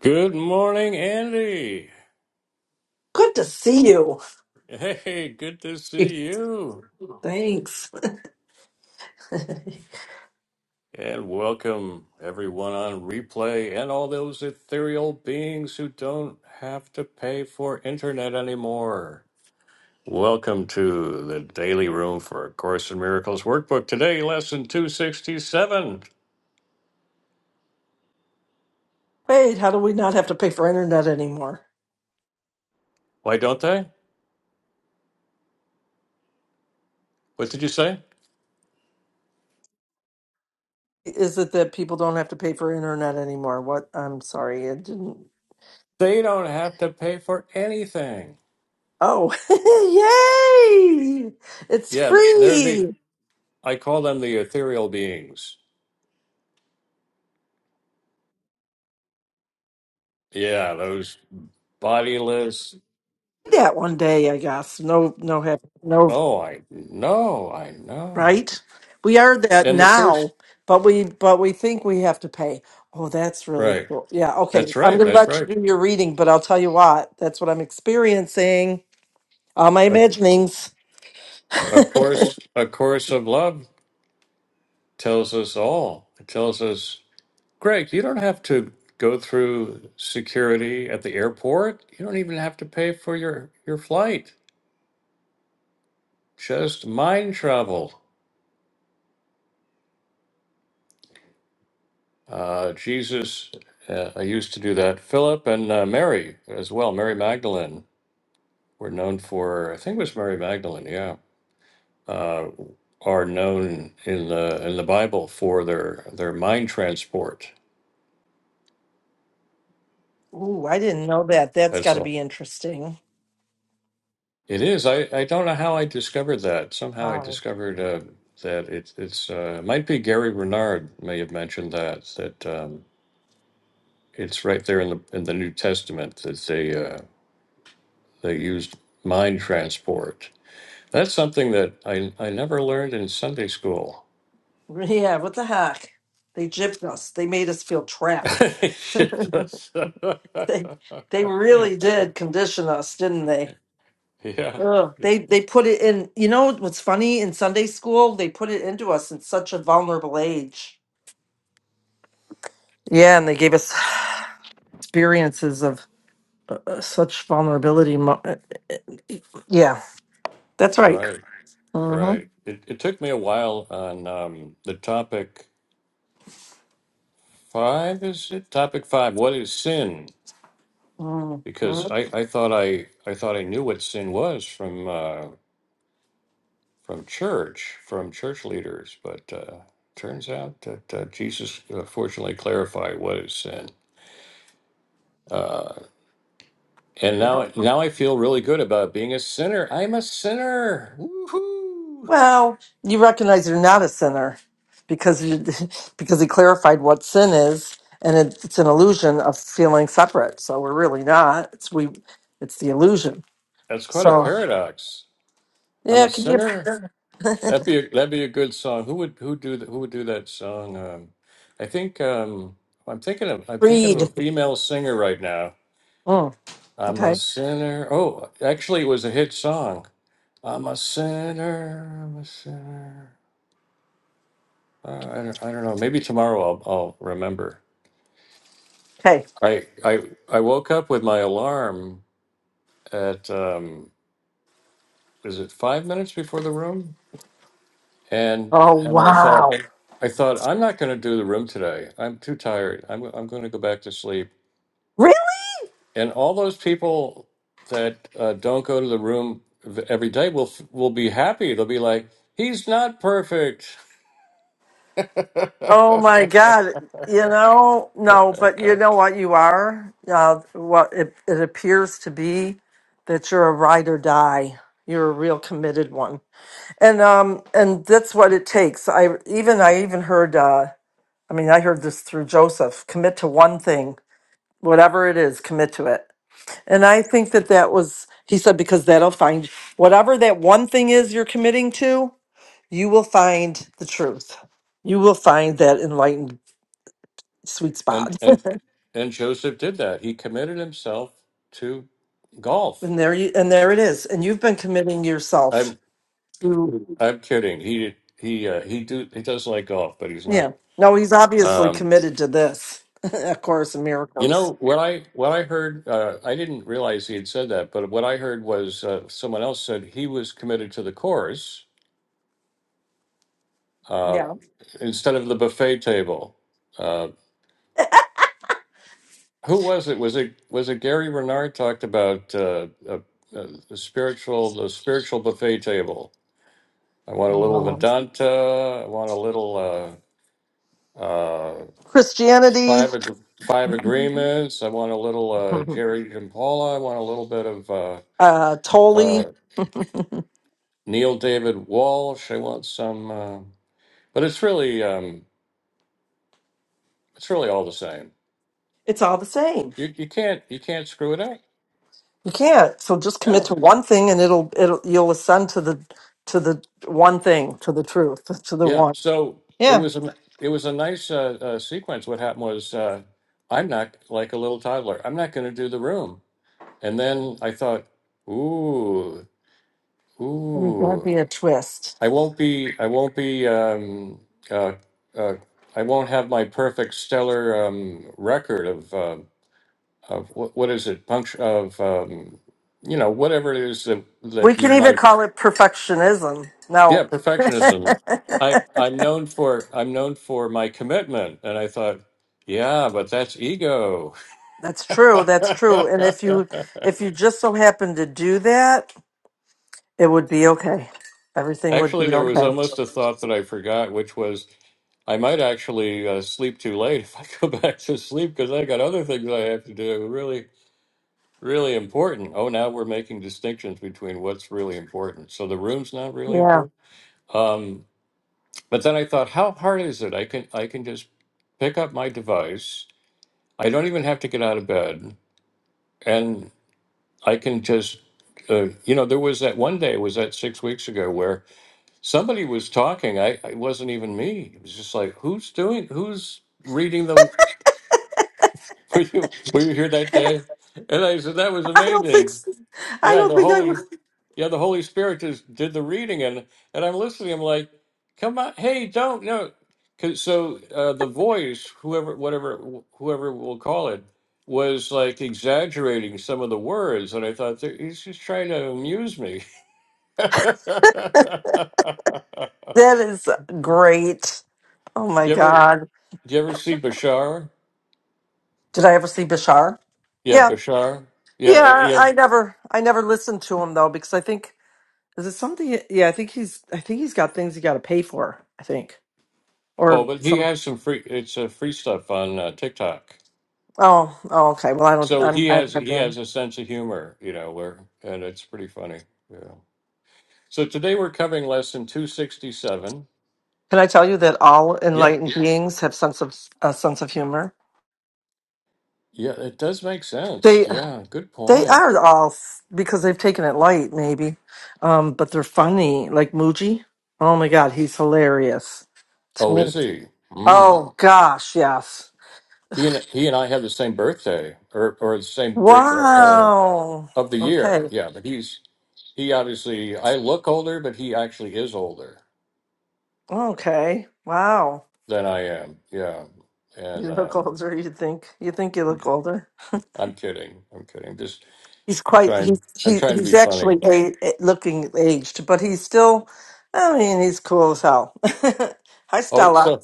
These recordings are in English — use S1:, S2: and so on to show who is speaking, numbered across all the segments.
S1: Good morning, Andy.
S2: Good to see you.
S1: Hey, good to see you.
S2: Thanks.
S1: And welcome everyone on replay and all those ethereal beings who don't have to pay for internet anymore. Welcome to the Daily Room for A Course in Miracles workbook. Today, lesson 267.
S2: Wait, how do we not have to pay for internet anymore?
S1: Why don't they? What did you say?
S2: Is it that people don't have to pay for internet anymore? What? I'm sorry, it didn't.
S1: They don't have to pay for anything.
S2: Oh, yay! It's
S1: Yeah, they're the,
S2: free.
S1: I call them the ethereal beings. Yeah, those bodiless,
S2: That one day, I guess. No, no, have no
S1: Oh, I know, I know.
S2: right. We are that
S1: And the first,
S2: now, but we but we think we have to pay. Oh, that's really
S1: right?
S2: cool. Yeah. Okay,
S1: That's
S2: I'm
S1: right.
S2: gonna
S1: That's
S2: let you
S1: right.
S2: do your reading, but I'll tell you what. That's what I'm experiencing. All my
S1: A,
S2: imaginings.
S1: a course, a course of love tells us all. It tells us, Greg, you don't have to go through security at the airport. You don't even have to pay for your your flight. Just mind travel. Uh, Jesus, uh, I used to do that. Philip and uh, Mary as well. Mary Magdalene were known for. I think it was Mary Magdalene. Yeah. uh, are known in the in the Bible for their their mind transport.
S2: Ooh, I didn't know that. That's
S1: That's
S2: got to
S1: all.
S2: be interesting.
S1: It is. I, I don't know how I discovered that. Somehow I
S2: Wow.
S1: discovered uh, that it, it's uh, it might be Gary Renard may have mentioned that that um, it's right there in the in the New Testament that they uh, they used mind transport. That's something that I I never learned in Sunday school.
S2: Yeah, what the heck? They gypped us. They made us feel trapped.
S1: It does.
S2: They they really did condition us, didn't they?
S1: yeah.
S2: Ugh.
S1: Yeah.
S2: They they put it in. You know what's funny? In Sunday school, they put it into us in such a vulnerable age. Yeah, and they gave us experiences of uh, uh, such vulnerability. mo- uh, Yeah, that's right.
S1: Right.
S2: Mm-hmm.
S1: Right. It it took me a while on um, the topic five, is it? Topic five, what is sin? Because
S2: Mm-hmm.
S1: I, I thought I I thought I knew what sin was from uh, from church, from church leaders, but uh, turns out that uh, Jesus uh, fortunately clarified what is sin. Uh, and
S2: Yep.
S1: now now I feel really good about being a sinner. I'm a sinner. Woohoo!
S2: Well, you recognize you're not a sinner because you, because he clarified what sin is, and it, it's an illusion of feeling separate. So we're really not. It's we. It's the illusion.
S1: That's quite a
S2: So
S1: paradox. I'm
S2: yeah,
S1: a
S2: it can be
S1: sinner
S2: a
S1: That'd be a, that'd be a good song. Who would who do th- who would do that song? Um, I think um, I'm thinking of I'm thinking of
S2: creed.
S1: a female singer right now.
S2: Mm,
S1: I'm a
S2: okay.
S1: sinner. Oh, actually, it was a hit song. I'm a sinner. I'm a sinner. Uh, I don't, I don't know. Maybe tomorrow I'll I'll remember.
S2: Hey.
S1: I I I woke up with my alarm at um, is it five minutes before the room? and
S2: Oh
S1: and I
S2: wow.
S1: thought I thought I'm not going to do the room today. I'm too tired. I'm I'm going to go back to sleep.
S2: Really?
S1: And all those people that uh, don't go to the room v- every day will f- will be happy. They'll be like, he's not perfect.
S2: Oh my God! You know, no, but you know what you are. Uh, what it, it appears to be that you're a ride or die. You're a real committed one And um and that's what it takes. I even I even heard uh I mean I heard this through Joseph, commit to one thing, whatever it is, commit to it. And I think that that was he said because that'll find whatever that one thing is you're committing to, you will find the truth. You will find that enlightened sweet
S1: And
S2: spot.
S1: and and Joseph did that. He committed himself to golf.
S2: And there you and there it is. And you've been committing yourself
S1: I'm
S2: to
S1: I'm kidding. He he uh, he do he does like golf, but he's not.
S2: yeah. No, he's obviously
S1: Um,
S2: committed to this, A Course in
S1: You know
S2: Miracles.
S1: what I what I heard. Uh, I didn't realize he had said that, but what I heard was uh, someone else said he was committed to the chorus uh,
S2: Yeah.
S1: instead of the buffet table. Uh, who was it? Was it was it Gary Renard talked about uh, uh, uh, the spiritual the spiritual buffet table? I want a little Vedanta. I want a little uh, uh,
S2: Christianity,
S1: five ag- five agreements. I want a little uh, Jerry Paula. I want a little bit of. Uh,
S2: uh,
S1: uh,
S2: Tolly,
S1: Neil David Walsh. I want some, uh, but it's really um, it's really all the same.
S2: it's all the same.
S1: You you can't you can't screw it up.
S2: You can't. So just commit
S1: No.
S2: to one thing, and it'll it'll you'll ascend to the to the one thing, to the truth, to the
S1: Yeah.
S2: one.
S1: So it
S2: Yeah,
S1: was a it was a nice uh, uh, sequence. What happened was uh, I'm not like a little toddler. I'm not going to do the room. And then I thought, ooh,
S2: and that'd be
S1: ooh,
S2: a twist.
S1: I won't be I won't be um, uh, uh, I won't have my perfect stellar um, record of. uh, of what, what is it punctu of um, you know whatever it is that
S2: We
S1: that
S2: can
S1: you
S2: even
S1: might
S2: call it perfectionism.
S1: yeah
S2: No,
S1: perfectionism i i'm known for i'm known for my commitment and i thought yeah but that's ego
S2: that's true. That's true. And if you if you just so happen to do that, it would be okay. Everything would
S1: actually
S2: be
S1: there was
S2: okay.
S1: almost a thought that i forgot which was i might actually uh, sleep too late if i go back to sleep because i got other things i have to do really really important oh now we're making distinctions between what's really important so the room's not really
S2: Yeah.
S1: important Um, But then I thought, how hard is it? I can I can just pick up my device. I don't even have to get out of bed, and I can just, uh, you know, there was that one day was that six weeks ago where somebody was talking. I it wasn't even me. It was just like, who's doing? Who's reading the? Were you were you here that day? And I said that was
S2: I don't think
S1: amazing.
S2: so. I
S1: Yeah,
S2: don't
S1: the
S2: think I would.
S1: Holy, yeah, the Holy Spirit just did the reading, and and I'm listening. I'm like, come on, hey, don't no. 'Cause- so uh, the voice, whoever, whatever, whoever we'll call it, was like exaggerating some of the words, and I thought "There- he's just trying to amuse me. do
S2: That is great. Oh my
S1: you ever,
S2: God.
S1: do you ever see Bashar?
S2: Did I ever see Bashar?
S1: Yeah,
S2: Yeah.
S1: Bashar. Yeah,
S2: Yeah.
S1: yeah.
S2: I never, I never listened to him though, because I think, is it something? Yeah. I think he's, I think he's got things he got to pay for, I think,
S1: Oh,
S2: or
S1: but he
S2: some.
S1: has some free. It's uh, free stuff on uh, TikTok.
S2: Oh, oh, okay. Well, I don't,
S1: So
S2: I'm,
S1: he has
S2: I've never
S1: he has
S2: been.
S1: a sense of humor, you know, where and it's pretty funny. Yeah. So today we're covering lesson 267.
S2: Can I tell you that all
S1: Yeah.
S2: enlightened beings have sense of, a sense of humor?
S1: Yeah, it does make sense.
S2: They,
S1: Yeah, good
S2: they
S1: point.
S2: are all s- because they've taken it light, maybe. Um, but they're funny, like Muji. Oh my God. He's hilarious
S1: Oh, is he? Mm.
S2: Oh gosh, yes.
S1: He and he and I have the same birthday or or the same birth uh, uh,
S2: Wow.
S1: of the year.
S2: Okay.
S1: Yeah, but he's he obviously I look older, but he actually is older
S2: Okay. Wow.
S1: than I am. Yeah. And
S2: You look
S1: um
S2: older. You think you think you look older.
S1: I'm kidding. I'm kidding. Just
S2: He's quite. He's
S1: trying I'm
S2: he,
S1: trying to
S2: he's
S1: be funny.
S2: actually a, a- looking aged, but he's still. I mean, he's cool as hell. Hi,
S1: Oh,
S2: Stella.
S1: so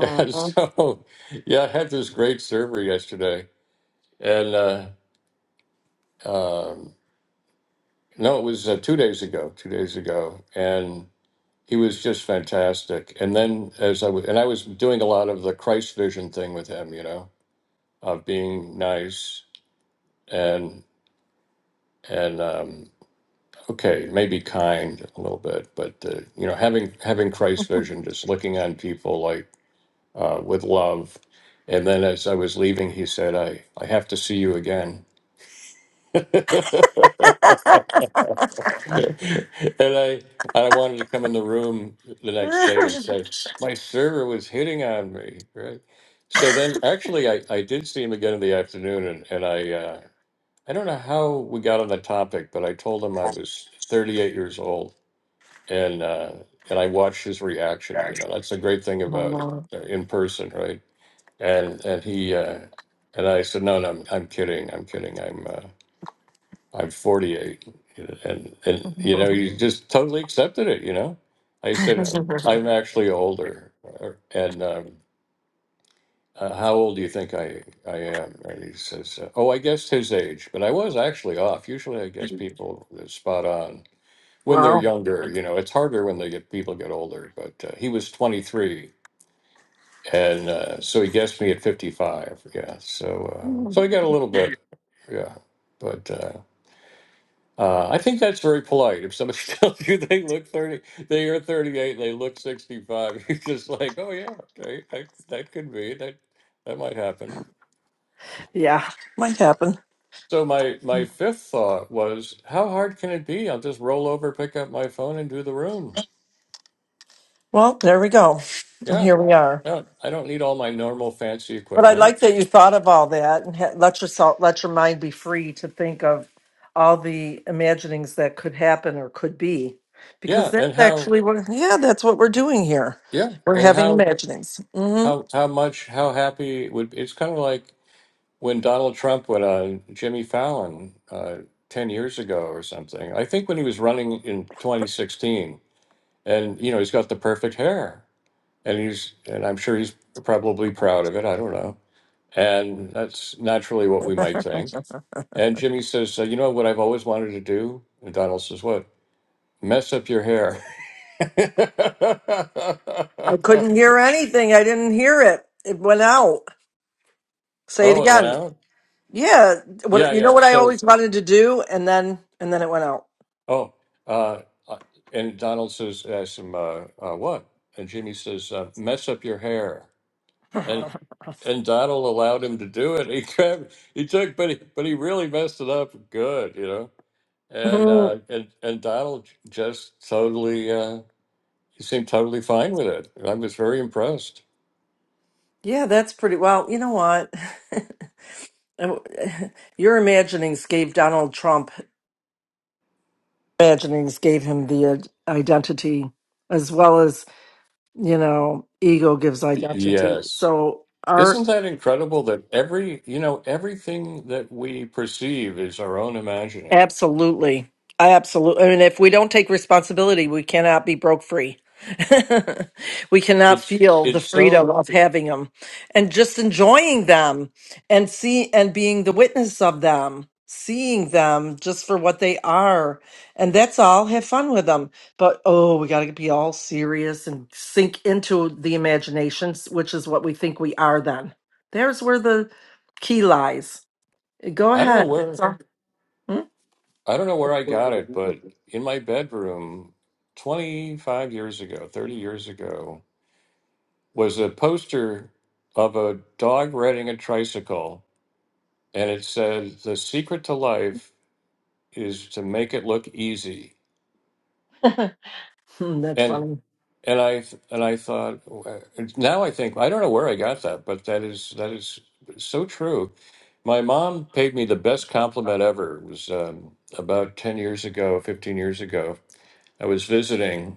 S1: Yeah, so yeah, I had this great server yesterday, and uh, um, no, it was uh, two days ago. Two days ago, and he was just fantastic. And then as I was, and I was doing a lot of the Christ vision thing with him, you know, of being nice and and um, okay, maybe kind a little bit, but uh, you know, having having Christ vision, just looking on people like uh, with love. And then as I was leaving, he said, "I I have to see you again." and I I wanted to come in the room the next day and say my server was hitting on me, right? So then actually I, I did see him again in the afternoon and, and I uh, I don't know how we got on the topic, but I told him I was 38 years old and uh, and I watched his reaction. You know, that's the great thing about uh, in person, right? And and he uh, and I said, no, no, I'm, I'm kidding. I'm kidding. I'm uh, I'm 48, and and you know, you just totally accepted it. You know, I said I'm actually older, uh, and um, uh, how old do you think I I am? And he says, uh, Oh, I guessed his age, but I was actually off. Usually, I guess people are spot on when they're
S2: wow.
S1: younger. You know, it's harder when they get people get older. But uh, he was 23, and uh, so he guessed me at 55. Yeah, so uh, so I got a little bit, yeah, but. Uh, Uh, I think that's very polite. If somebody tells you they look 30, they are 38 and they look 65, you're just like, oh yeah, okay, that, that could be, that, that might happen.
S2: Yeah, might happen.
S1: So my, my fifth thought was, how hard can it be? I'll just roll over, pick up my phone and do the room.
S2: Well, there we go, and
S1: Yeah.
S2: here we are.
S1: I don't, I don't need all my normal fancy
S2: But I
S1: equipment.
S2: like that you thought of all that and ha- let yourself let your mind be free to think of all the imaginings that could happen or could be, because
S1: Yeah.
S2: that's
S1: And how,
S2: actually what. Yeah, that's what we're doing here.
S1: yeah.
S2: We're
S1: And
S2: having
S1: how,
S2: imaginings. hmm
S1: how, how much, how happy would, it's kind of like, when Donald Trump went on Jimmy Fallon uh, 10 years ago or something. I think when he was running in 2016, and you know, he's got the perfect hair, and he's, and I'm sure he's probably proud of it. I don't know. And that's naturally what we might think. And Jimmy says, uh, You know what I've always wanted to do? And Donald says, What? Mess up your hair.
S2: I couldn't hear anything. I didn't hear it. It went out. Say it
S1: oh, it went
S2: again.
S1: out?
S2: Yeah.
S1: Yeah,
S2: What you know?
S1: yeah.
S2: What I
S1: So
S2: always wanted to do, and then and then it went out.
S1: Oh, uh, uh, and Donald says, asks him, uh, uh, what? And Jimmy says, uh, mess up your hair. And and Donald allowed him to do it. He grabbed, he took, but he, but he really messed it up good, you know. And uh,
S2: Mhm.
S1: and and Donald just totally, uh, he seemed totally fine with it. And I was very impressed.
S2: Yeah, that's pretty. Well, you know what? Oh, Your imaginings gave Donald Trump imaginings gave him the ad- identity, as well as you know ego gives identity.
S1: Yes.
S2: So our
S1: Isn't that incredible that every, you know, everything that we perceive is our own imagining?
S2: Absolutely. I absolutely. I mean, if we don't take responsibility, we cannot be broke free. we cannot
S1: It's
S2: feel the
S1: it's
S2: freedom
S1: so
S2: of having them and just enjoying them and see and being the witness of them, seeing them just for what they are. And that's all. Have fun with them. But oh, we got to be all serious and sink into the imaginations, which is what we think we are then. There's where the key lies. Go
S1: I don't know
S2: ahead.
S1: where
S2: It's all- Hmm?
S1: I don't know where I got it, but in my bedroom 25 years ago, 30 years ago, was a poster of a dog riding a tricycle. And it said, The secret to life is to make it look easy.
S2: Hmm, That's
S1: And
S2: funny.
S1: and I and I thought now I think I don't know where I got that, but that is that is so true. My mom paid me the best compliment ever. It was um, about ten years ago, fifteen years ago. I was visiting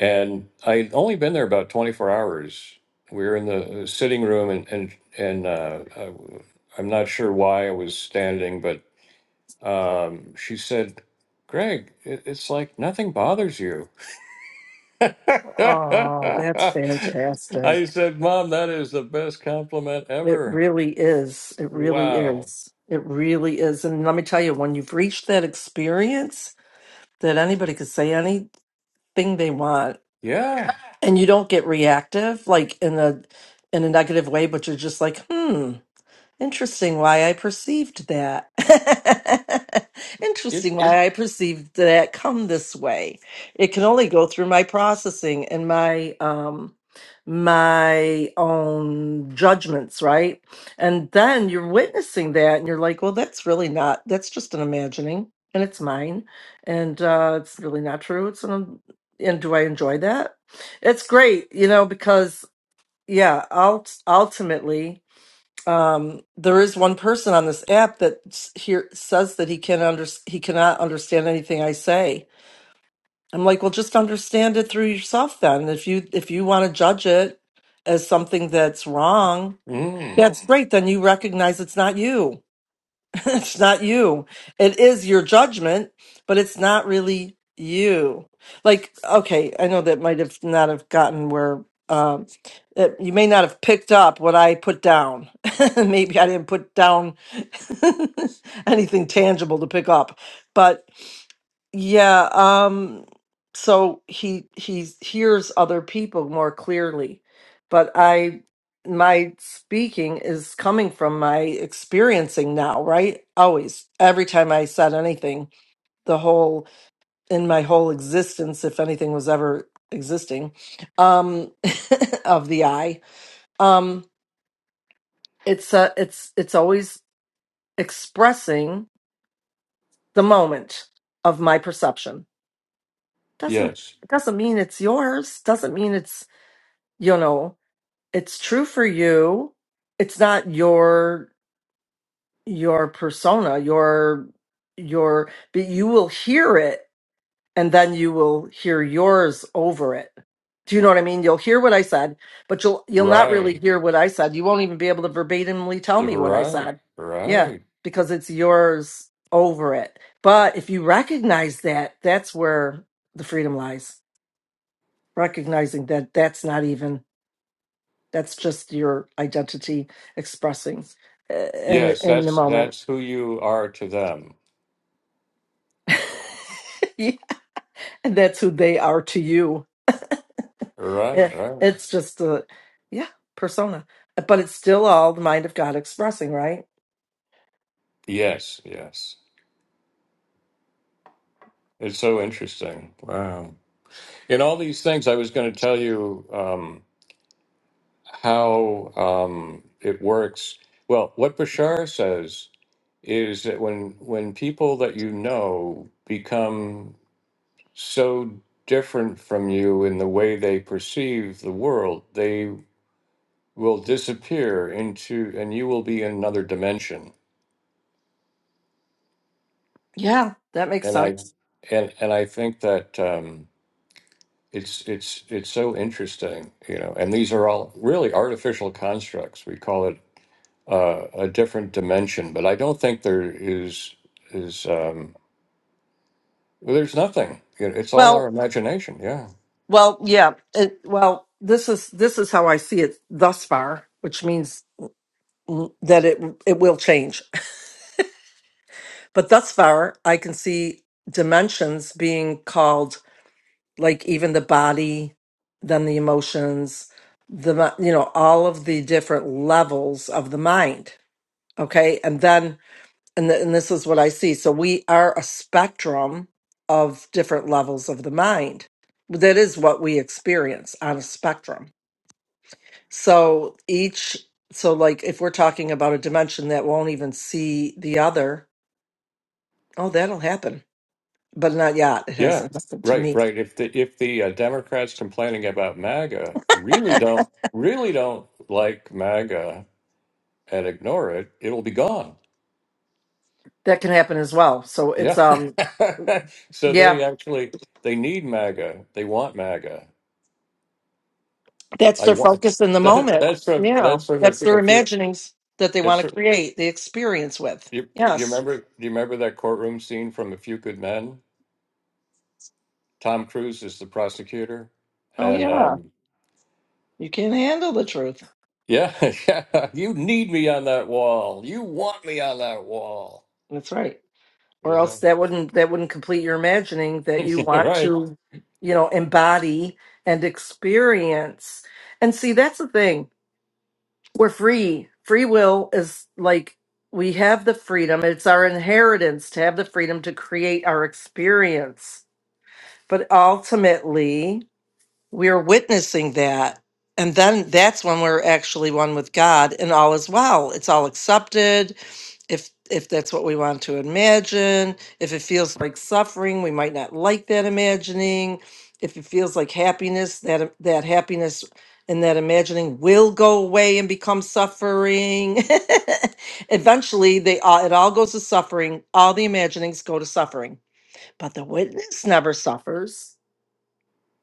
S1: and I'd only been there about 24 hours. We were in the uh, sitting room, and and and uh, I, I'm not sure why I was standing, but um, she said, "Greg, it, it's like nothing bothers you." I
S2: Oh, that's fantastic.
S1: said, "Mom, that is the best compliment
S2: It
S1: ever."
S2: really is. It really
S1: Wow.
S2: is. It really is. And let me tell you, when you've reached that experience that anybody could say anything they want
S1: Yeah.
S2: and you don't get reactive, like in a in a negative way, but you're just like, hmm. Interesting why I perceived that.
S1: It.
S2: Interesting why I perceived that come this way. It can only go through my processing and my um my own judgments, right? And then you're witnessing that and you're like, well, that's really not that's just an imagining and it's mine. And uh it's really not true. It's an and do I enjoy that? It's great, you know, because yeah, ult- ultimately um, there is one person on this app that s- here says that he can under he cannot understand anything I say. I'm like, well, just understand it through yourself then. If you if you want to judge it as something that's wrong,
S1: Mm,
S2: that's great. Then you recognize it's not you. it's not you. It is your judgment, but it's not really you. Like, okay, I know that might have not have gotten where um, it, you may not have picked up what I put down. Maybe I didn't put down anything tangible to pick up, but yeah, um so he he hears other people more clearly. But I my speaking is coming from my experiencing now, right? Always. Every time I said anything, the whole in my whole existence, if anything was ever existing, um of the I, um it's uh it's it's always expressing the moment of my perception doesn't
S1: yes.
S2: doesn't mean it's yours doesn't mean it's you know it's true for you it's not your your persona your your but you will hear it and then you will hear yours over it do you know what i mean you'll hear what i said but you'll you'll not
S1: Right.
S2: really hear what i said you won't even be able to verbatimly tell me what i
S1: Right.
S2: said yeah
S1: Right.
S2: because it's yours over it but if you recognize that that's where the freedom lies recognizing that that's not even that's just your identity expressing uh, in
S1: Yes.
S2: in the
S1: That's
S2: moment
S1: that's who you are to them.
S2: Yeah, and that's who they are to you
S1: Right,
S2: Yeah,
S1: right.
S2: it's just a yeah persona but it's still all the mind of god expressing right
S1: Yes, yes. It's so interesting. Wow. In all these things, I was going to tell you um, how um, it works. Well, what Bashar says is that when when people that you know become so different from you in the way they perceive the world, they will disappear into, and you will be in another dimension.
S2: yeah that makes
S1: And I
S2: sense
S1: and and I think that. Um, it's it's it's so interesting, you know. And these are all really artificial constructs. We call it uh, a different dimension, but I don't think there is is um, well, there's nothing. You know, It's all our
S2: well
S1: imagination. Yeah,
S2: well yeah it, well this is this is how i see it thus far which means mm, that it it will change but thus far i can see dimensions being called like even the body, then the emotions, the mi- you know all of the different levels of the mind. Okay, and then and th- and this is what I see. So we are a spectrum of different levels of the mind. That is what we experience on a spectrum. So each so like if we're talking about a dimension that won't even see the other, oh that'll happen. But not yet. It
S1: yeah,
S2: hasn't happened to
S1: right,
S2: me.
S1: right. If the if the uh, Democrats complaining about MAGA really don't really don't like MAGA and ignore it, it'll be gone.
S2: That can happen as well. So it's
S1: Yeah.
S2: um
S1: so
S2: yeah
S1: they actually they need MAGA. They want MAGA.
S2: That's
S1: I
S2: their
S1: want
S2: focus in the
S1: that,
S2: moment.
S1: that's from
S2: Yeah.
S1: that's from a,
S2: That's their
S1: a few.
S2: imaginings that they
S1: It's
S2: want to
S1: from,
S2: create the experience with.
S1: you. You
S2: Yes.
S1: remember? Do you remember that courtroom scene from A Few Good Men? Tom Cruise is the prosecutor,
S2: Oh
S1: and
S2: yeah.
S1: um,
S2: You can't handle the truth.
S1: yeah, yeah, you need me on that wall. You want me on that wall.
S2: That's right. Or
S1: Yeah,
S2: else that wouldn't that wouldn't complete your imagining that you want
S1: right.
S2: to, you know, embody and experience. And see, that's the thing. We're free. Free will is like we have the freedom. It's our inheritance to have the freedom to create our experience. But ultimately, we're witnessing that and then that's when we're actually one with god and all is well it's all accepted if if that's what we want to imagine if it feels like suffering we might not like that imagining if it feels like happiness that that happiness and that imagining will go away and become suffering eventually they all it all goes to suffering all the imaginings go to suffering but the witness never suffers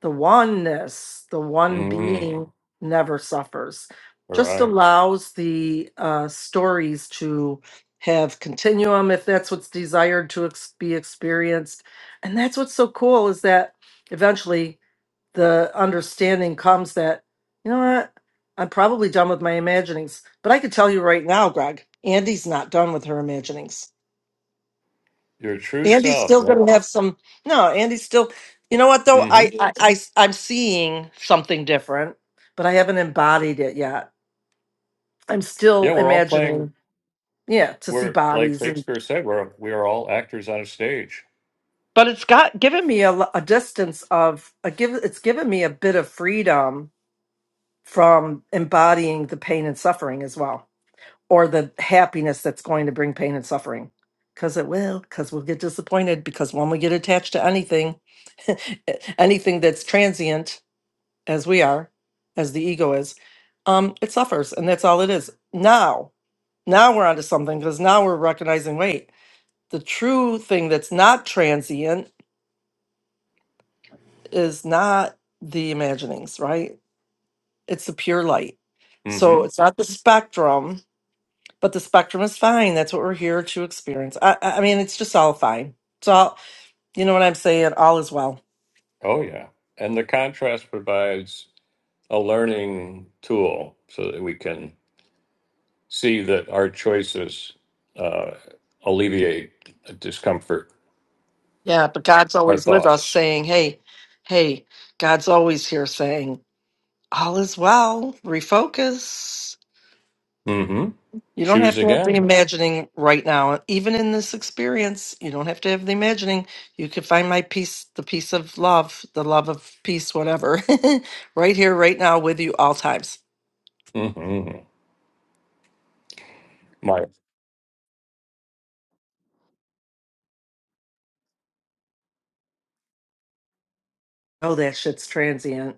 S2: the oneness, the one
S1: Mm,
S2: being never suffers. Just
S1: right.
S2: allows the uh, stories to have continuum if that's what's desired to ex- be experienced. And that's what's so cool is that eventually the understanding comes that, you know what, I'm probably done with my imaginings. But I could tell you right now, Greg, Andy's not done with her imaginings.
S1: Your true
S2: Andy's
S1: self.
S2: still
S1: Yeah.
S2: going to have some. No, Andy's still. You know what though? I,
S1: hmm
S2: I, i I s- I'm seeing something different, but I haven't embodied it yet. I'm still
S1: Yeah, we're all playing.
S2: imagining. Yeah, to see
S1: We're like
S2: bodies and.
S1: Shakespeare said. We're we are all actors on a stage.
S2: But it's got given me a, l- a distance of a give. It's given me a bit of freedom from embodying the pain and suffering as well, or the happiness that's going to bring pain and suffering. Because it will. Because we'll get disappointed. Because when we get attached to anything, anything that's transient as we are, as the ego is, um, it suffers, and that's all it is. Now, now we're onto something because now we're recognizing. Wait, the true thing that's not transient is not the imaginings, right? It's the pure light. So
S1: hmm
S2: it's not the spectrum, but the spectrum is fine. That's what we're here to experience. I, I I mean, it's just all fine. It's all, you know what I'm saying? All is well.
S1: Oh yeah. And the contrast provides. a learning tool so that we can see that our choices uh, alleviate discomfort,
S2: Yeah, but God's
S1: our
S2: always with us,
S1: thoughts.
S2: saying, "Hey, hey." God's always here, saying. All is well. Refocus.
S1: hmm
S2: You don't
S1: Choose
S2: have to have the
S1: again.
S2: imagining right now. Even in this experience, you don't have to have the imagining. You can find my peace, the peace of love, the love of peace, whatever, right here, right now, with you all times.
S1: hmm My
S2: Oh, that shit's transient.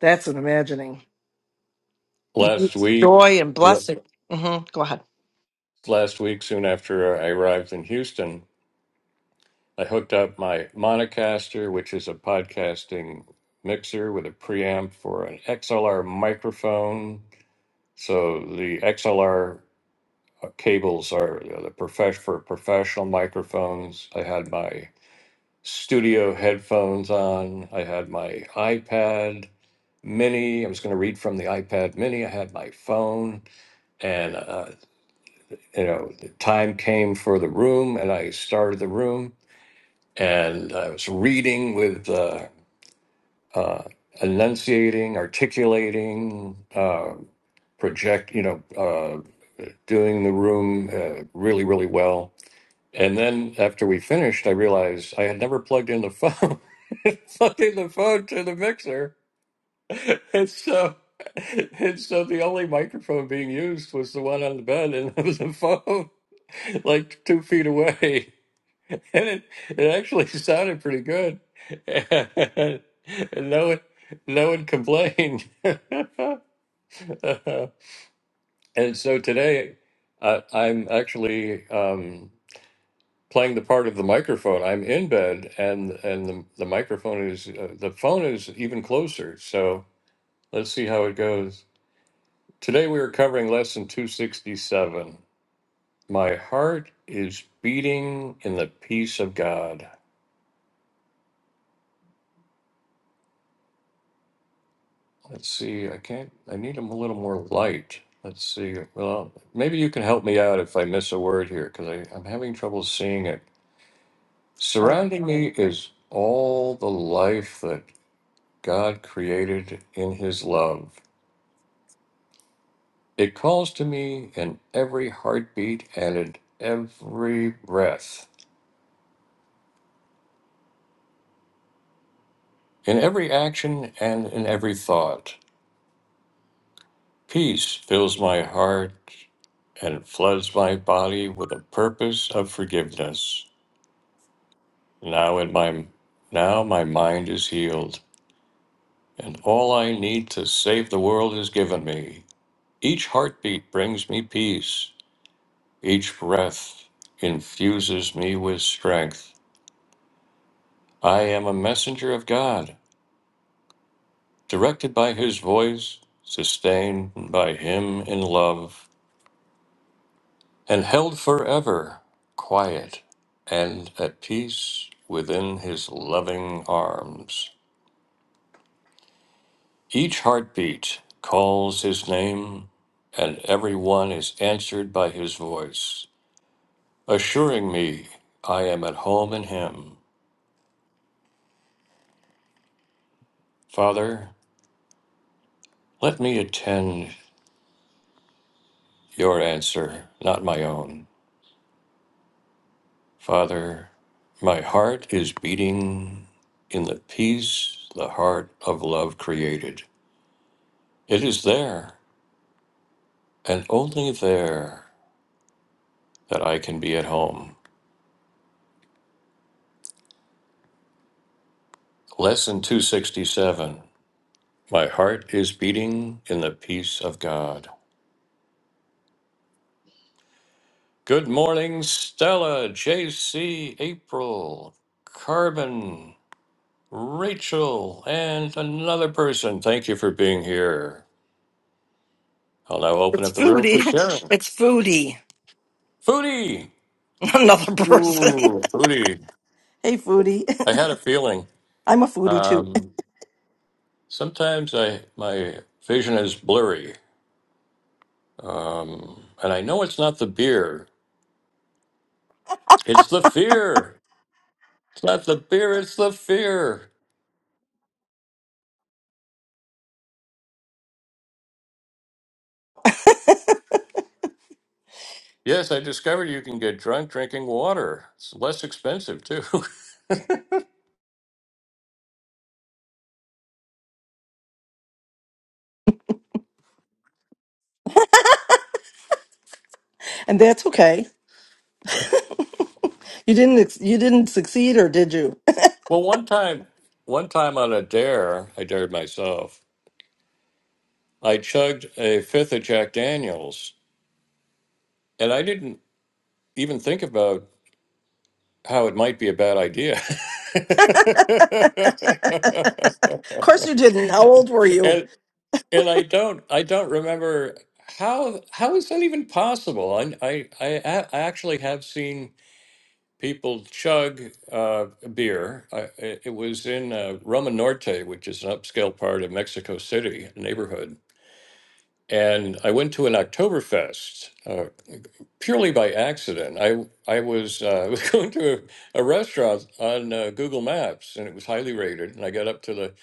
S2: That's an imagining.
S1: last
S2: It's joy
S1: week,
S2: and blessing. hmm Go ahead.
S1: last week, soon after I arrived in Houston, I hooked up my Monocaster, which is a podcasting mixer with a preamp for an XLR microphone. So the XLR uh, cables are you know, the profesh for professional microphones. I had my studio headphones on. I had my iPad Mini. I was going to read from the iPad Mini. I had my phone, and uh, you know, the time came for the room, and I started the room, and I was reading with uh, uh, enunciating, articulating, uh, project. You know, uh, doing the room uh, really, really well And then after we finished, I realized I had never plugged in the phone, plugged in the phone to the mixer, and so and so the only microphone being used was the one on the bed, and it was a phone like two feet away, and it it actually sounded pretty good, and no one no one complained, and so today. I, I'm actually. Um, playing the part of the microphone. I'm in bed, and and the, the microphone is uh, the phone is even closer. So let's see how it goes. Today we are covering lesson 267. My heart is beating in the peace of God. Let's see. I can't. I need a little more light. Let's see. Well, maybe you can help me out if I miss a word here because I'm having trouble seeing it.
S2: Oh,
S1: Surrounding
S2: I
S1: me
S2: know.
S1: is all the life that God created in His love. It calls to me in every heartbeat and in every breath, in every action and in every thought. Peace fills my heart and floods my body with a purpose of forgiveness. Now in my now my mind is healed, and all I need to save the world is given me. Each heartbeat brings me peace. Each breath infuses me with strength. I am a messenger of God directed by his voice, sustained by him in love, and held forever quiet and at peace within his loving arms. Each heartbeat calls his name, and every one is answered by his voice, assuring me I am at home in him. Father, let me attend your answer, not my own. Father, my heart is beating in the peace the heart of love created. It is there, and only there, that I can be at home. Lesson 267 My heart is beating in the peace of God. Good morning, Stella, JC, April, Carbon, Rachel, and another person. Thank you for being here. I'll now open
S2: it's
S1: up the room
S2: foodie.
S1: for sharing.
S2: It's foodie.
S1: Foodie!
S2: Another person.
S1: Ooh, booty.
S2: hey, foodie.
S1: I had a feeling.
S2: I'm a foodie too,
S1: Um, sometimes I my vision is blurry, um, and I know it's not the beer. It's the fear. It's not the beer. It's the fear. Yes, I discovered you can get drunk drinking water. It's less expensive too.
S2: and that's okay. You didn't ex- you didn't succeed or did you?
S1: well, one time, one time on a dare, I dared myself. I chugged a fifth of Jack Daniels, and I didn't even think about how it might be a bad idea.
S2: Of course you didn't. How old were you?
S1: and and I don't I don't remember how how is that even possible? I I I, a- I actually have seen people chug uh, beer. I, it it was in uh, Roma Norte, which is an upscale part of Mexico City neighborhood, and I went to an Oktoberfest uh, purely by accident. I I was uh, was going to a, a restaurant on uh, Google Maps, and it was highly rated. And I got up to the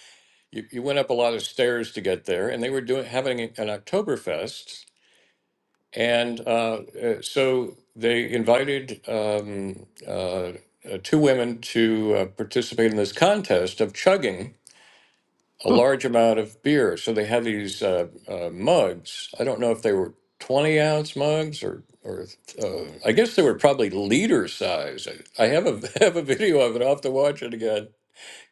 S1: you, you went up a lot of stairs to get there, and they were doing having an Oktoberfest, and uh, uh, so they invited um, uh, uh, two women to uh, participate in this contest of chugging a large amount of beer. So they had these uh, uh, mugs. I don't know if they were 20 ounce mugs or, or uh, I guess they were probably liter size. I, I have a have a video of it. I'll have to watch it again.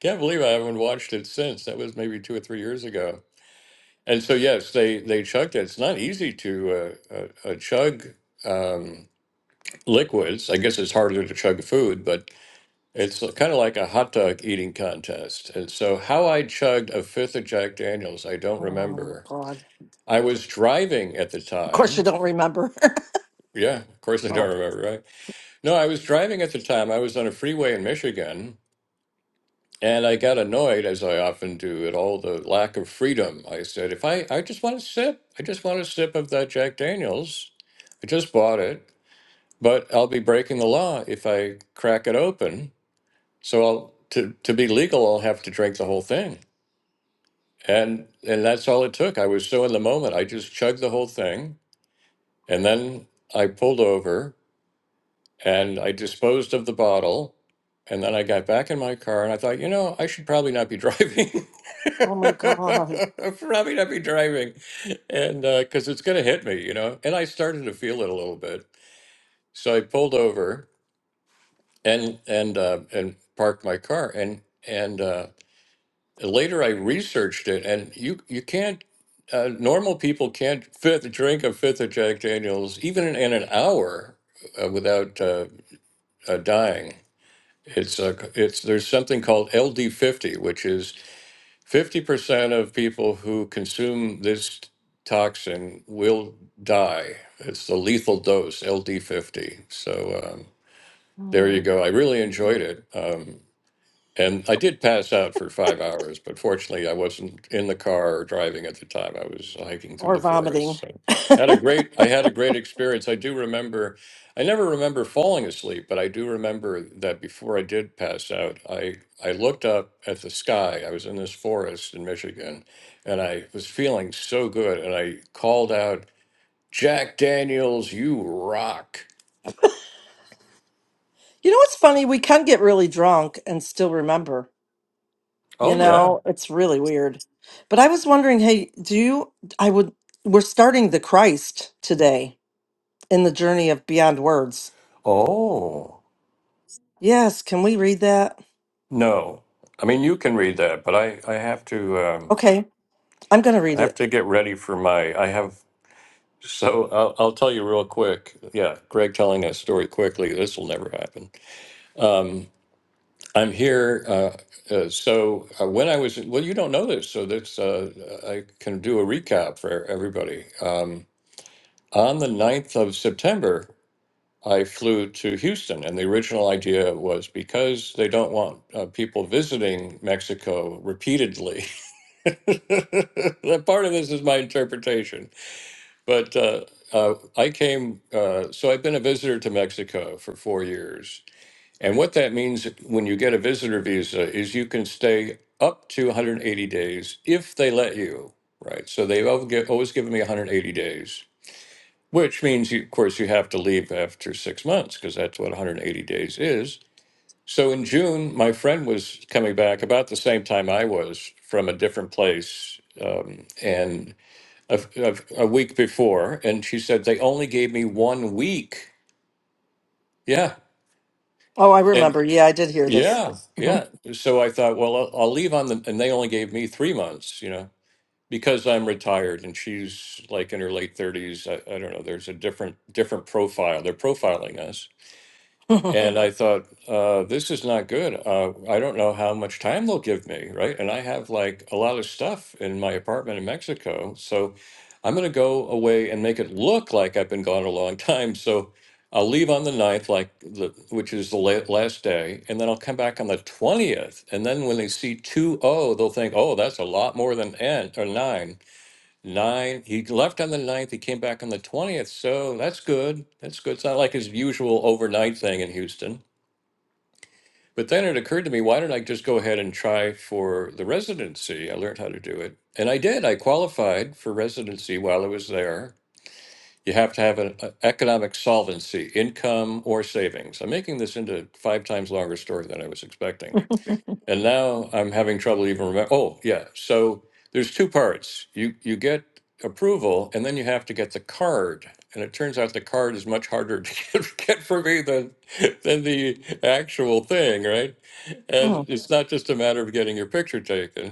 S1: Can't believe I haven't watched it since. That was maybe two or three years ago. And so yes, they they chugged it. It's not easy to uh, uh, uh, chug um, liquids. I guess it's harder to chug food, but it's kind of like a hot dog eating contest. And so, how I chugged a fifth of Jack Daniels, I don't
S2: Oh my
S1: remember.
S2: god.
S1: I was driving at the
S2: Of course you
S1: time.
S2: don't remember.
S1: Yeah, of course, I
S2: oh,
S1: don't remember, right? No, I was driving at the time. I was on a freeway in Michigan, and I got annoyed, as I often do, at all the lack of freedom. I said, if I, I just want a sip, I just want a sip of that Jack Daniels. I just bought it, but I'll be breaking the law if I crack it open. So, I'll, to, to be legal, I'll have to drink the whole thing. and and that's all it took i was so in the moment i just chugged the whole thing and then i pulled over and i disposed of the bottle and then i got back in my car and i thought you know i should probably not be driving
S2: oh my god.
S1: probably not be driving and because it's going to hit me you know and i started to feel it a little bit so i pulled over and and uh, and parked my car and and uh, later I researched it, and you you can't. Uh, normal people can't fifth drink a fifth of Jack Daniels even in, in an hour uh, without uh, uh, dying. It's uh, it's there's something called LD50, which is 50% of people who consume this toxin will die. It's the lethal dose, LD50. So um, there you
S2: Mm.
S1: go. I really enjoyed it. Um, and I did pass out for five hours, but fortunately, I wasn't in the car or driving at the time. I was hiking through
S2: Or
S1: the
S2: vomiting.
S1: forest. So had a great, I had a great experience. I do remember, I never remember falling asleep, but I do remember that before I did pass out, I I looked up at the sky. I was in this forest in Michigan, and I was feeling so good, and I called out, "Jack Daniels, you rock!"
S2: You know what's funny? We can get really drunk and still remember. You
S1: Oh yeah.
S2: know, it's really weird. But I was wondering, hey, do you I would we're starting the Christ today in the journey of beyond words.
S1: Oh.
S2: Yes, can we read that?
S1: No, I mean you can read that, but I I have to um,
S2: Okay, I'm going to read
S1: I have
S2: it.
S1: to get ready for my I have so I'll, I'll tell you real quick. Yeah, Greg telling that story quickly. This will never happen. Um, I'm here. Uh, uh, so uh, when I was well, you don't know this, so that's uh, I can do a recap for everybody. Um, on the ninth of September, I flew to Houston, and the original idea was because they don't want uh, people visiting Mexico repeatedly. that part of this is my interpretation, but uh, uh, I came. Uh, so I've been a visitor to Mexico for four years, and what that means when you get a visitor visa is you can stay up to 180 days if they let you. Right. So they've al- gi- always given me 180 days, which means, you, of course, you have to leave after six months because that's what 180 days is so in June, my friend was coming back about the same time I was from a different place, um, and a, a, a week before, and she said they only gave me one week. Yeah,
S2: Oh, I
S1: and
S2: remember. Yeah, I did hear this.
S1: yeah, yeah. So I thought, well, I'll, I'll leave on the, and they only gave me three months, you know, because I'm retired and she's like in her late thirties. I, I don't know. There's a different different profile. They're profiling us
S2: Mhm.
S1: And I thought, uh, this is not good. Uh, I don't know how much time they'll give me, right? And I have like a lot of stuff in my apartment in Mexico. So I'm going to go away and make it look like I've been gone a long time. So I'll leave on the ninth, like the, which is the la- last day, and then I'll come back on the 20th. And then when they see 2 oh, they'll think, oh, that's a lot more than N or 9 Nine. He left on the ninth. He came back on the 20th. So that's good. That's good. It's not like his usual overnight thing in Houston. But then it occurred to me, why don't I just go ahead and try for the residency? I learned how to do it. And I did. I qualified for residency while I was there. You have to have an uh, economic solvency, income or savings. I'm making this into a five times longer story than I was expecting. And now I'm having trouble even remember. Oh, yeah. So there's two parts. You you get approval, and then you have to get the card. And it turns out the card is much harder to get, get for me than than the actual thing, right? And it's not just a matter of getting your picture taken.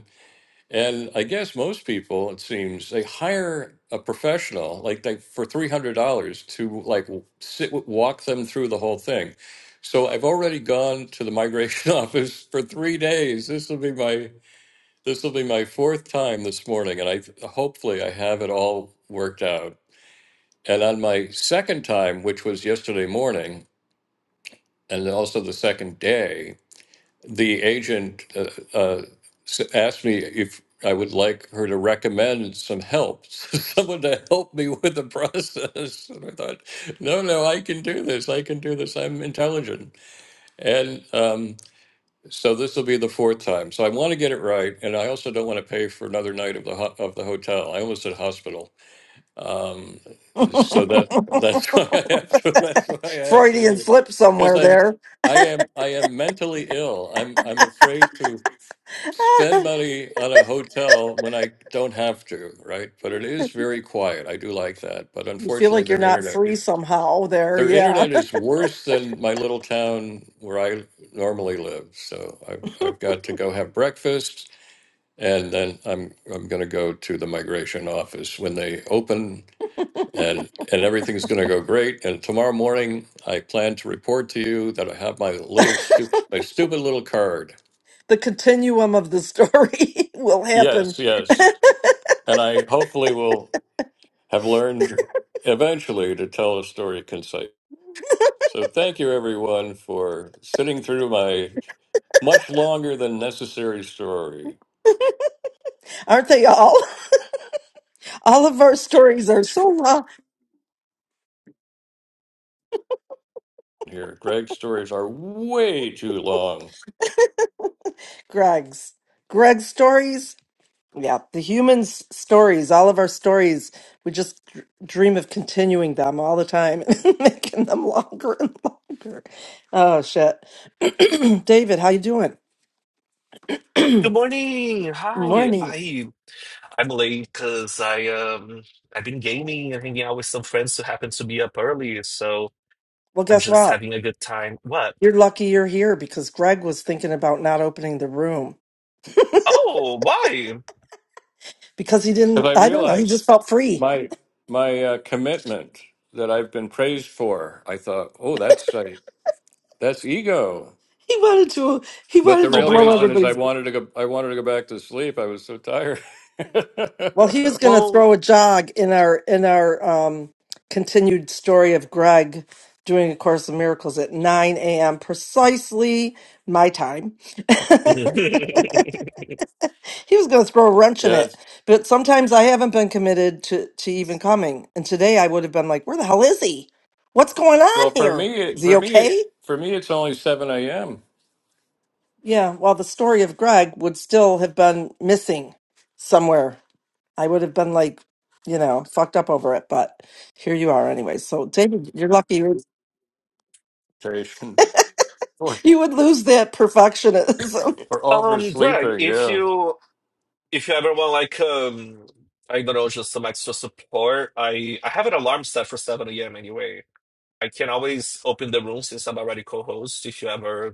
S1: And I guess most people, it seems, they hire a professional like like for three hundred dollars to like sit walk them through the whole thing. So I've already gone to the migration office for three days. This will be my this will be my fourth time this morning, and I hopefully I have it all worked out. And on my second time, which was yesterday morning, and also the second day, the agent uh, uh, s- asked me if I would like her to recommend some help, someone to help me with the process. And I thought, no, no, I can do this. I can do this. I'm intelligent. And um, so this will be the fourth time. So I want to get it right, and I also don't want to pay for another night of the ho- of the hotel. I almost said hospital. Um, so that that's why I have to that's why I have to
S2: Freudian
S1: leave
S2: slip
S1: because
S2: somewhere
S1: I'm
S2: there.
S1: I am I am mentally ill. I'm I'm afraid to spend money on a hotel when I don't have to, right? But it is very quiet. I do like that, but
S2: you feel
S1: unfortunately
S2: like you're
S1: their
S2: not
S1: internet
S2: free somehow there.
S1: their
S2: Yeah.
S1: internet is worse than my little town where I normally live. So I've I've got to go have breakfast and then I'm I'm going to go to the migration office when they open and and everything's going to go great. And tomorrow morning, I plan to report to you that I have my little stupid, my stupid little card.
S2: the continuum of the story will happen.
S1: Yes, yes, and I hopefully will have learned eventually to tell a story concise. So thank you everyone for sitting through my much longer than necessary story
S2: Aren't they all? All of our stories are so long.
S1: here. Greg's stories are way too long
S2: Greg's. Greg's stories. Yeah. The humans' stories. All of our stories. We just dr- dream of continuing them all the time and making them longer and longer. Oh, shit. David, how you doing?
S3: Good morning. Hi.
S2: Morning.
S3: I I'm late because I um I've been gaming and hanging out with some friends who happen to be up early, so
S2: Well,
S3: I'm
S2: guess
S3: just
S2: what?
S3: having a good time. What?
S2: You're lucky you're here because Greg was thinking about not opening the room
S3: Oh, why?
S2: because he
S1: because
S2: didn't.
S1: I
S2: I don't know. He
S1: realized
S2: just felt free.
S1: my my uh, commitment that I've been praised for. I thought, oh, that's right That's ego.
S2: He wanted to. He
S1: But the
S2: wanted to
S3: Oh
S1: real
S3: my
S2: blow
S1: reason
S3: God.
S1: is I
S2: everybody's.
S1: wanted to go. I wanted to go back to sleep. I was so tired.
S2: Well, he was going to
S3: Well,
S2: throw a jog in our in our um, continued story of Greg doing a course of miracles at 9 a.m. precisely my time.
S3: um,
S2: he was going to throw a wrench in it,
S1: yes.
S2: but sometimes I haven't been committed to to even coming. And today I would have been like, "Where the hell is he? What's going on
S1: Well, for
S2: here?
S1: me,
S2: Is
S1: it-
S2: he
S1: for me, it,
S2: okay?"
S1: for me, it's only seven a.m.
S2: Yeah, well, the story of Greg would still have been missing somewhere. I would have been like, you know, fucked up over it, but here you are anyway. So, David, you're lucky you
S1: Invitation Or
S2: you would lose that perfectionism.
S1: or
S3: Greg,
S1: oversleeping.
S3: if
S1: Yeah.
S3: you if you ever want like um I don't know just some extra support, I I have an alarm set for 7 a.m. anyway. I can always open the room since I'm already co-host if you ever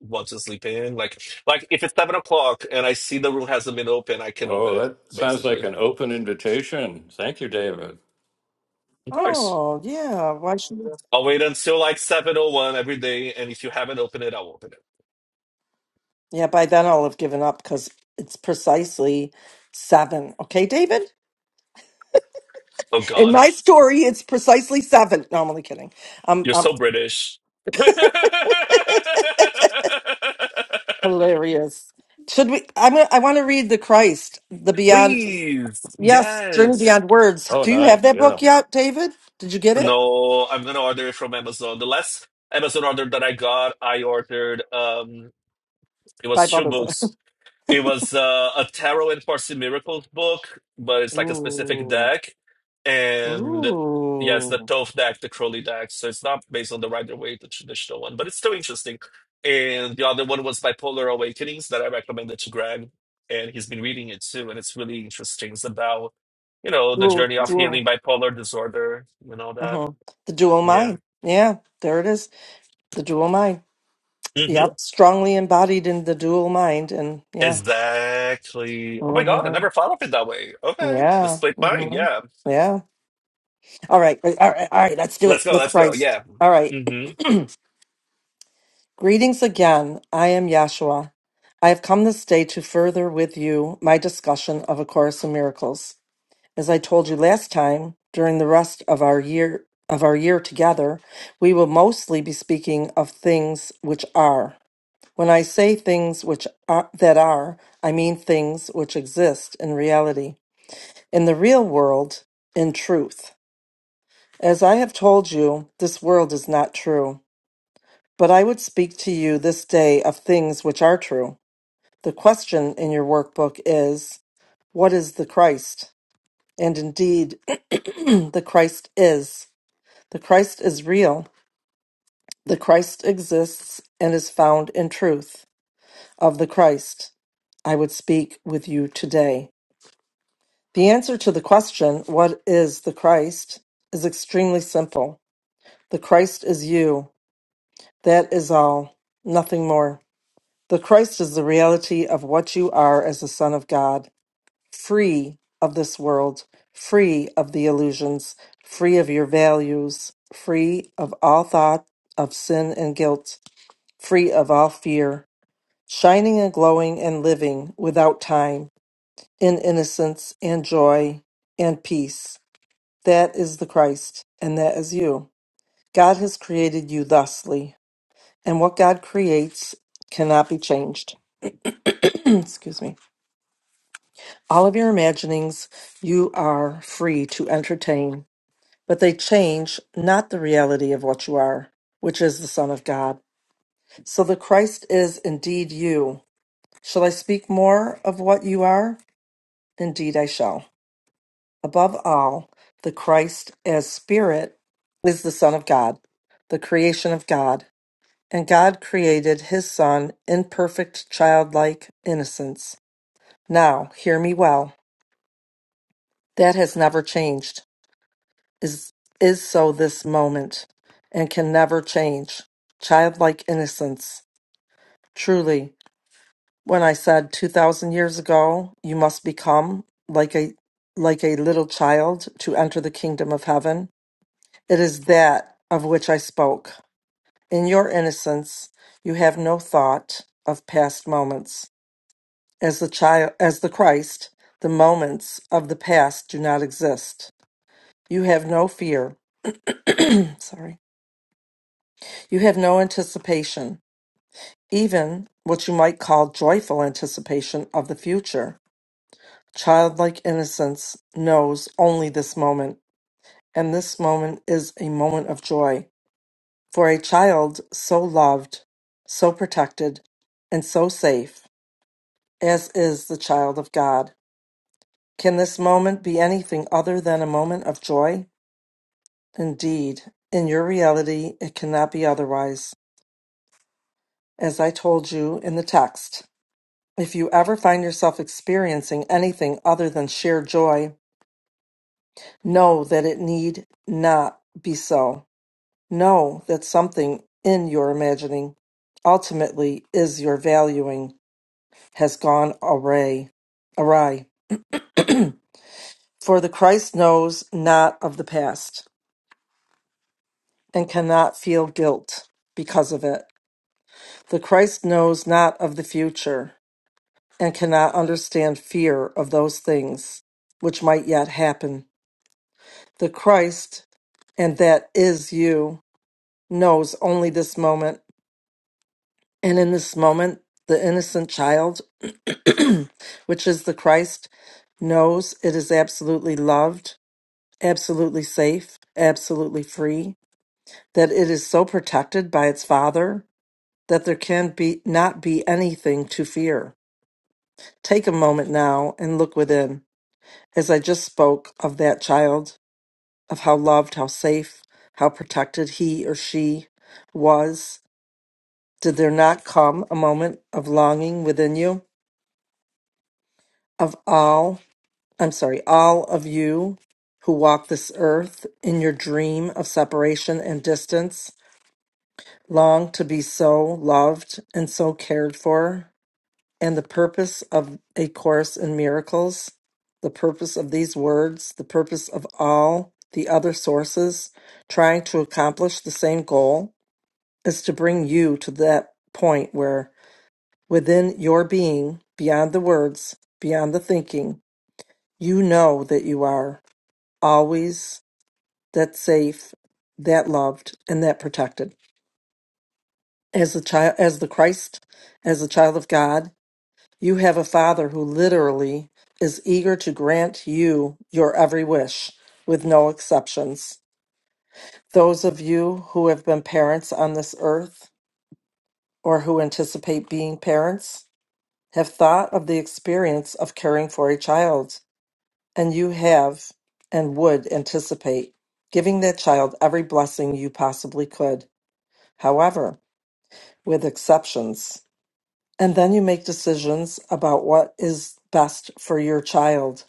S3: want to sleep in. Like like if it's seven o'clock and I see the room hasn't been open, I can open
S1: Whoa,
S3: it
S1: that sounds like
S3: basically.
S1: an open invitation. Thank you, David.
S3: Of course.
S2: oh, yeah. Why should you?
S3: I'll wait until like seven oh one every day, and if you haven't opened it, I'll open it.
S2: Yeah, by then I'll have given up because it's precisely seven. Okay, David?
S3: Oh
S2: In
S3: God,
S2: my story, it's precisely seven. No, I'm only kidding. I'm,
S3: you're
S2: I'm
S3: so British.
S2: hilarious. Should we? I'm. gonna- I want to read the Christ, the Beyond
S3: Please,
S2: Yes, Journey
S3: yes.
S2: Beyond Words.
S1: Oh,
S2: Do you
S1: nice.
S2: have that
S1: Yeah.
S2: book yet, David? Did you get it?
S3: No, I'm gonna order it from Amazon. The last Amazon order that I got, I ordered um it was
S2: Five
S3: two
S2: other
S3: books
S2: books.
S3: It was uh, a tarot and Parsi miracles book, but it's like a specific
S2: Ooh,
S3: deck, and yeah, it's the
S2: ooh,
S3: Toph deck, the Crowley deck. So it's not based on the Rider Waite, the traditional one, but it's still interesting. And the other one was Bipolar Awakenings that I recommended to Greg, and he's been reading it too, and it's really interesting. It's about you know the
S2: dual,
S3: journey of
S2: dual.
S3: healing bipolar disorder and all that.
S2: Uh-huh. The dual mind.
S3: Yeah.
S2: Yeah, there it is. The dual mind.
S3: hmm
S2: Yep, strongly embodied in the dual mind, and yeah,
S3: Exactly. Oh my God, I
S2: mm-hmm.
S3: never thought of it that way. Okay, the
S2: yeah,
S3: split mind.
S2: hmm
S3: Yeah,
S2: yeah. All right, all right, all right. Let's do
S3: Let's
S2: it.
S3: go.
S2: Let's
S3: Let's go.
S2: Christ.
S3: Yeah.
S2: All right.
S3: hmm
S2: Greetings again. I am Yashua. I have come this day to further with you my discussion of A Course in Miracles. As I told you last time, during the rest of our year of our year together, we will mostly be speaking of things which are. When I say things which are, that are, I mean things which exist in reality, in the real world, in truth. As I have told you, this world is not true, but I would speak to you this day of things which are true. The question in your workbook is, what is the Christ? And indeed, the Christ is. The Christ is real. The Christ exists and is found in truth. Of the Christ, I would speak with you today. The answer to the question, What is the Christ? is extremely simple. The Christ is you. That is all, nothing more. The Christ is the reality of what you are as the Son of God, free of this world, free of the illusions, free of your values, free of all thought of sin and guilt free of all fear, shining and glowing and living without time, in innocence and joy and peace. That is the Christ, and that is you. God has created you thusly, and what God creates cannot be changed. Excuse me. All of your imaginings you are free to entertain, but they change not the reality of what you are, which is the Son of God. So the Christ is indeed you. Shall I speak more of what you are? Indeed, I shall. Above all, the Christ as Spirit is the Son of God, the creation of God. And God created his Son in perfect childlike innocence. Now, hear me well. That has never changed, is, is so this moment, and can never change. Childlike innocence. Truly, when I said 2,000 years ago, you must become like a like a little child to enter the kingdom of heaven, It is that of which I spoke. In your innocence, you have no thought of past moments. As the child, as the Christ, the moments of the past do not exist. You have no fear. Sorry. You have no anticipation, even what you might call joyful anticipation of the future. Childlike innocence knows only this moment, and this moment is a moment of joy. For a child so loved, so protected, and so safe, as is the child of God, can this moment be anything other than a moment of joy? Indeed, in your reality, it cannot be otherwise. As I told you in the text, if you ever find yourself experiencing anything other than sheer joy, know that it need not be so. Know that something in your imagining ultimately is your valuing. has gone awry, awry. For the Christ knows not of the past and cannot feel guilt because of it. The Christ knows not of the future and cannot understand fear of those things which might yet happen. The Christ, and that is you, knows only this moment. And in this moment, the innocent child, which is the Christ, knows it is absolutely loved absolutely safe, absolutely free, that it is so protected by its father that there can be not be anything to fear. Take a moment now and look within. As I just spoke of that child, of how loved, how safe, how protected he or she was, did there not come a moment of longing within you? Of all, I'm sorry, all of you who walk this earth in your dream of separation and distance, long to be so loved and so cared for, and the purpose of A Course in Miracles, the purpose of these words, the purpose of all the other sources trying to accomplish the same goal, is to bring you to that point where within your being, beyond the words, beyond the thinking, you know that you are always that safe, that loved, and that protected. as a child as the Christ as a child of God you have a father who literally is eager to grant you your every wish with no exceptions those of you who have been parents on this earth or who anticipate being parents have thought of the experience of caring for a child and you have and would anticipate giving that child every blessing you possibly could however with exceptions And then you make decisions about what is best for your child.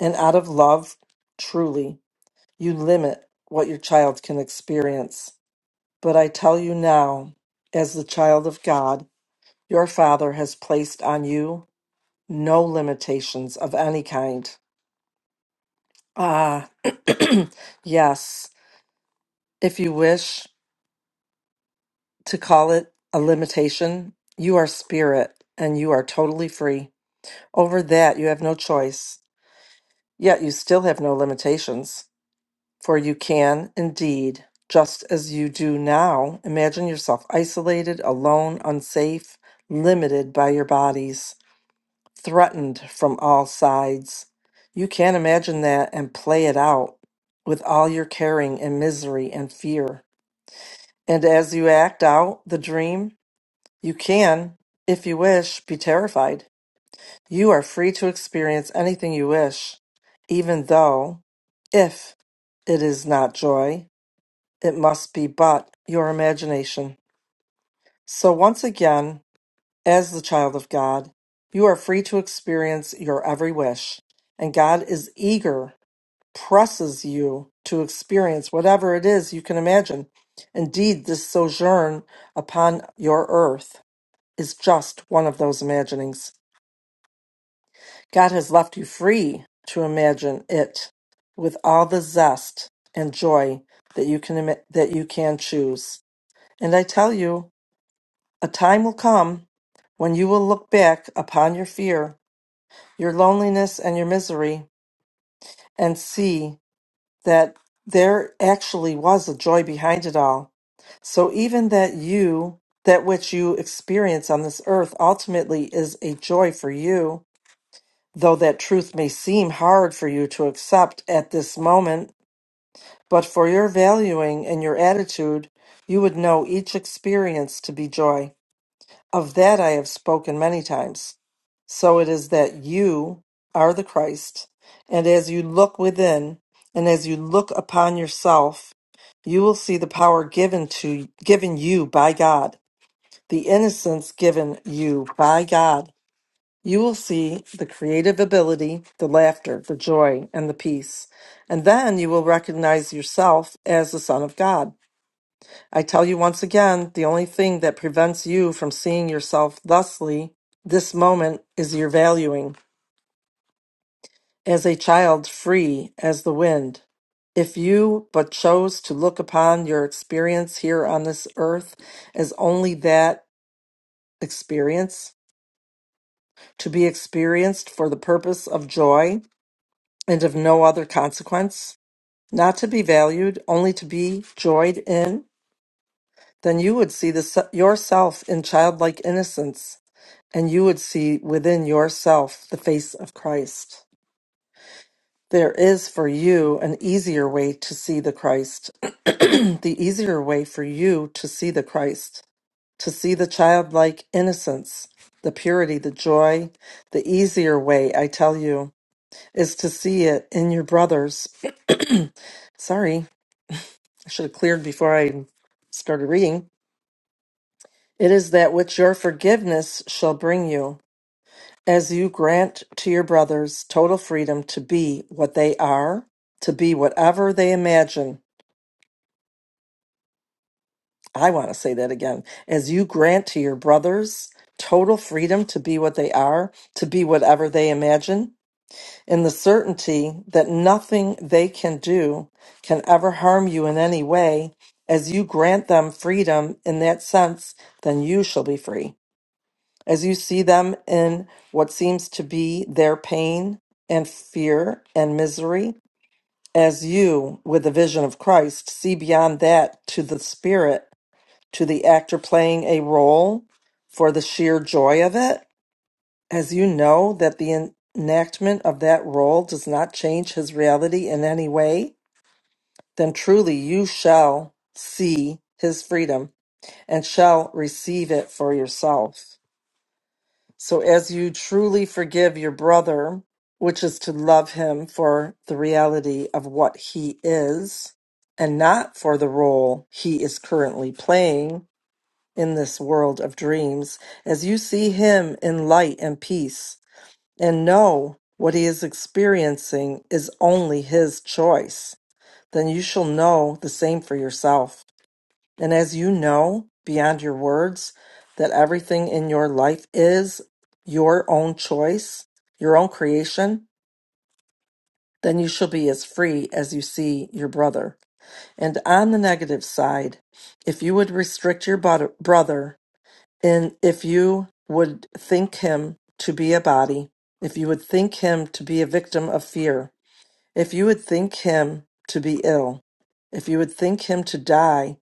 S2: And out of love, truly, you limit what your child can experience. But I tell you now, as the child of God, your Father has placed on you no limitations of any kind. Ah, yes, if you wish to call it a limitation, you are spirit and you are totally free. Over that, you have no choice. Yet you still have no limitations, for you can indeed, just as you do now, imagine yourself isolated, alone, unsafe, limited by your bodies, threatened from all sides. You can imagine that and play it out with all your caring and misery and fear. And as you act out the dream, you can, if you wish, be terrified you are free to experience anything you wish, even though, if it is not joy, it must be but your imagination. So, once again, as the child of God, you are free to experience your every wish, and God is eager, presses you to experience whatever it is you can imagine. Indeed, this sojourn upon your earth is just one of those imaginings. God has left you free to imagine it with all the zest and joy that you can ima- that you can choose. And I tell you, a time will come when you will look back upon your fear, your loneliness and your misery and see that there actually was a joy behind it all. So even that you that which you experience on this earth ultimately is a joy for you though that truth may seem hard for you to accept at this moment, but for your valuing and your attitude, you would know each experience to be joy. Of that I have spoken many times. So it is that you are the Christ, and as you look within, and as you look upon yourself, you will see the power given to given you by God, the innocence given you by God you will see the creative ability, the laughter, the joy, and the peace. And then you will recognize yourself as the Son of God. I tell you once again the only thing that prevents you from seeing yourself thusly this moment is your valuing, as a child free as the wind. If you but chose to look upon your experience here on this earth as only that experience, to be experienced for the purpose of joy, and of no other consequence, not to be valued, only to be joyed in, then you would see the, se- yourself in childlike innocence, and you would see within yourself the face of Christ. There is for you an easier way to see the Christ, the easier way for you to see the Christ, to see the childlike innocence, the purity, the joy, the easier way, I tell you, is to see it in your brothers. Sorry I should have cleared before I started reading. It is that which your forgiveness shall bring you, as you grant to your brothers total freedom to be what they are, to be whatever they imagine. I want to say that again. As you grant to your brothers total freedom to be what they are, to be whatever they imagine, in the certainty that nothing they can do can ever harm you in any way, as you grant them freedom in that sense, then you shall be free. As you see them in what seems to be their pain and fear and misery, as you, with the vision of Christ, see beyond that to the spirit, to the actor playing a role for the sheer joy of it, as you know that the en- enactment of that role does not change his reality in any way, then truly you shall see his freedom and shall receive it for yourself. So, as you truly forgive your brother, which is to love him for the reality of what he is and not for the role he is currently playing in this world of dreams, as you see him in light and peace and know what he is experiencing is only his choice, then you shall know the same for yourself. And as you know beyond your words that everything in your life is your own choice, your own creation, then you shall be as free as you see your brother. And on the negative side, if you would restrict your brother, brother and if you would think him to be a body, if you would think him to be a victim of fear, if you would think him to be ill, if you would think him to die,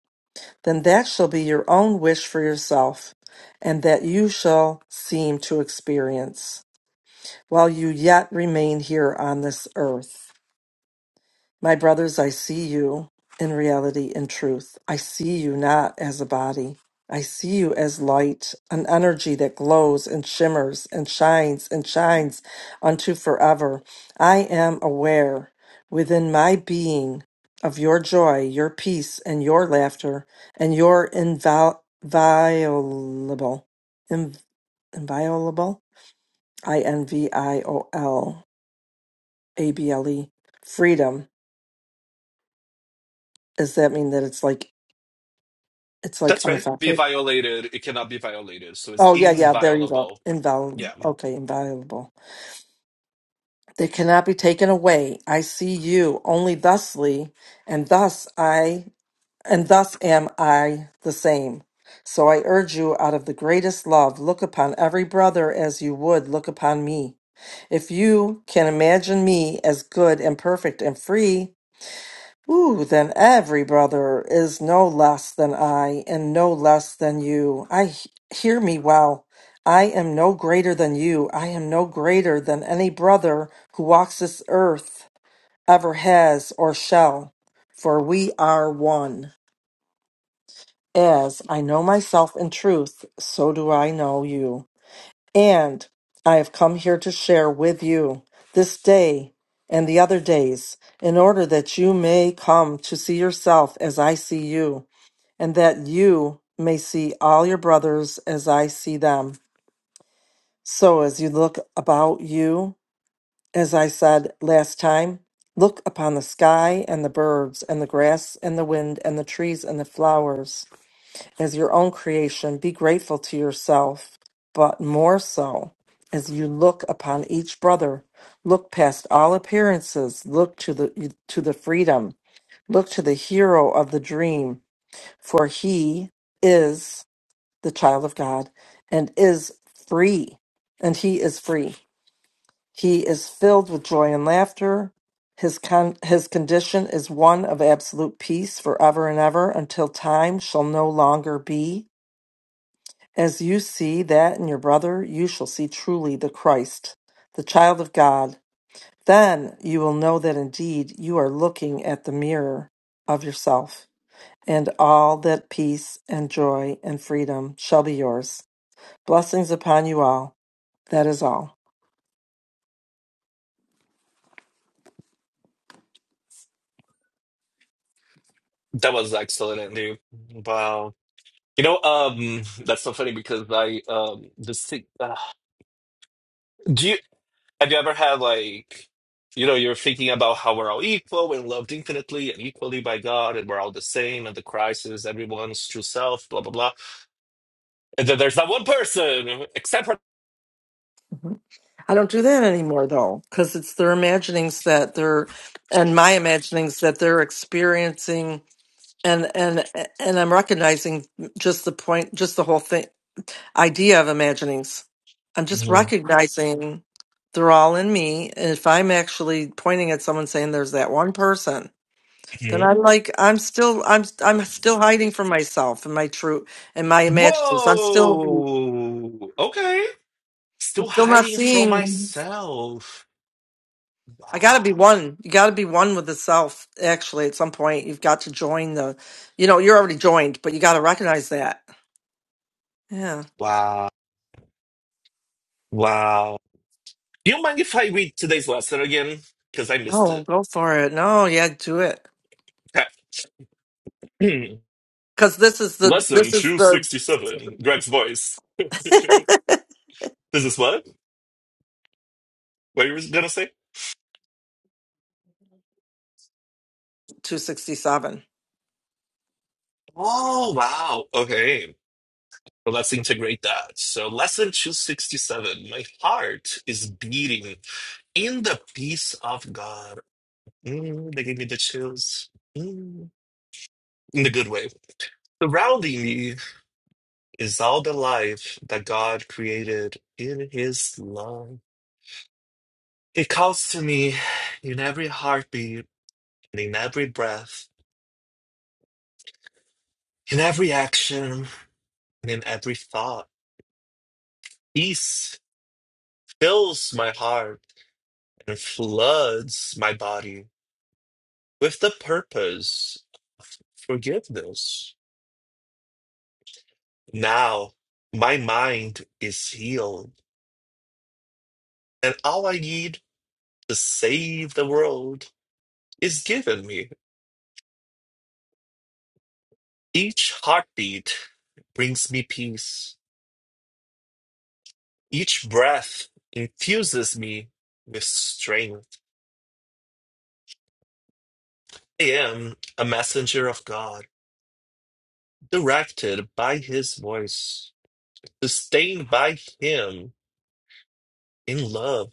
S2: then that shall be your own wish for yourself, and that you shall seem to experience while you yet remain here on this earth. My brothers, I see you in reality and truth. I see you not as a body. I see you as light, an energy that glows and shimmers and shines and shines unto forever. I am aware within my being of your joy, your peace, and your laughter, and your invol- inviolable, inv- inviolable, I N V I O L A B L E, freedom. Does that mean that it's like It's like
S3: That's right. Be
S2: unaffected.
S3: violated. It cannot be violated. So it's
S2: Oh yeah, yeah. There you go.
S3: inviolable.
S2: Invaluable.
S3: Yeah.
S2: Okay, invaluable. They cannot be taken away. I see you only thusly, and thus I, and thus am I the same. So I urge you, out of the greatest love, look upon every brother as you would look upon me. If you can imagine me as good and perfect and free, Ooh, then every brother is no less than I, and no less than you. I he- hear me well. I am no greater than you. I am no greater than any brother who walks this earth ever has or shall, for we are one. As I know myself in truth, so do I know you. And I have come here to share with you this day and the other days, in order that you may come to see yourself as I see you, and that you may see all your brothers as I see them. So, as you look about you, as I said last time, look upon the sky and the birds and the grass and the wind and the trees and the flowers as your own creation, be grateful to yourself, but more so as you look upon each brother. Look past all appearances, look to the to the freedom, look to the hero of the dream, for he is the child of God and is free. And he is free. He is filled with joy and laughter. His con- his condition is one of absolute peace forever and ever until time shall no longer be as you see that in your brother, you shall see truly the Christ, the child of God. Then you will know that indeed you are looking at the mirror of yourself, and all that peace and joy and freedom shall be yours. Blessings upon you all. That is all.
S3: That was excellent, Andy. Wow. You know, um, that's so funny because I, um, the sick, uh, do you, have you ever had like, you know, you're thinking about how we're all equal and loved infinitely and equally by God and we're all the same and the Christ is everyone's true self, blah, blah, blah. And then there's that one person except for
S2: Mhm. I don't do that anymore though, because it's their imaginings that they're, and my imaginings that they're experiencing, and and and I'm recognizing just the point, just the whole thing, idea of imaginings. I'm just
S3: Mhm.
S2: recognizing they're all in me. And if I'm actually pointing at someone saying there's that one person, then I'm like, I'm still, I'm, I'm still hiding from myself and my true and my imaginings. I'm still,
S3: Whoa. Okay.
S2: I'm
S3: Still
S2: still not
S3: hiding from
S2: seeing.
S3: myself.
S2: I got
S3: Wow.
S2: to be one. You got to be one with the self. Actually, at some point, you've got to join the, you know, you're already joined, but you got to recognize that. Yeah.
S3: Wow. Wow. Do you mind if I read today's lesson again? Because I missed
S2: No,
S3: it.
S2: go for it. No, yeah, do it.
S3: Okay.
S2: Because this is the,
S3: lesson
S2: this is
S3: 267.
S2: the
S3: Greg's voice. this is what? What you were going to say?
S2: 267.
S3: Oh, wow. Okay. Well, let's integrate that. So, lesson 267. My heart is beating in the peace of God. Mm, they gave me the chills. Mm, in the good way. Surrounding me is all the life that God created in his love. It calls to me in every heartbeat, and in every breath, in every action, and in every thought. Peace fills my heart and floods my body with the purpose of forgiveness. Now my mind is healed, and all I need to save the world is given me. Each heartbeat brings me peace. Each breath infuses me with strength. I am a messenger of God, directed by His voice, sustained by Him in love,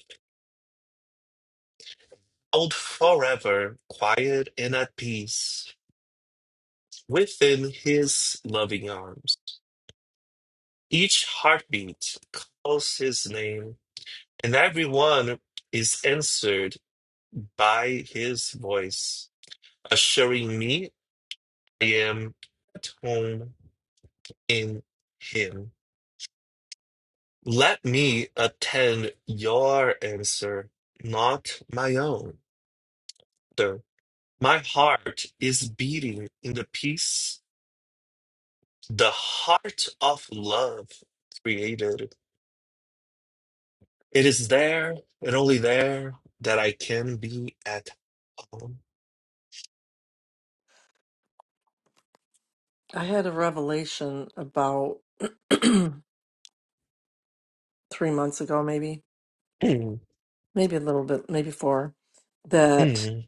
S3: held forever quiet and at peace within His loving arms. Each heartbeat calls His name, and everyone is answered by His voice. assuring me I am at home in Him. Let me attend your answer, not my own. Though My heart is beating in the peace, the heart of love created. It is there and only there that I can be at home.
S2: I had a revelation about three months ago, maybe,
S3: Mm,
S2: maybe a little bit, maybe four, that
S3: mm.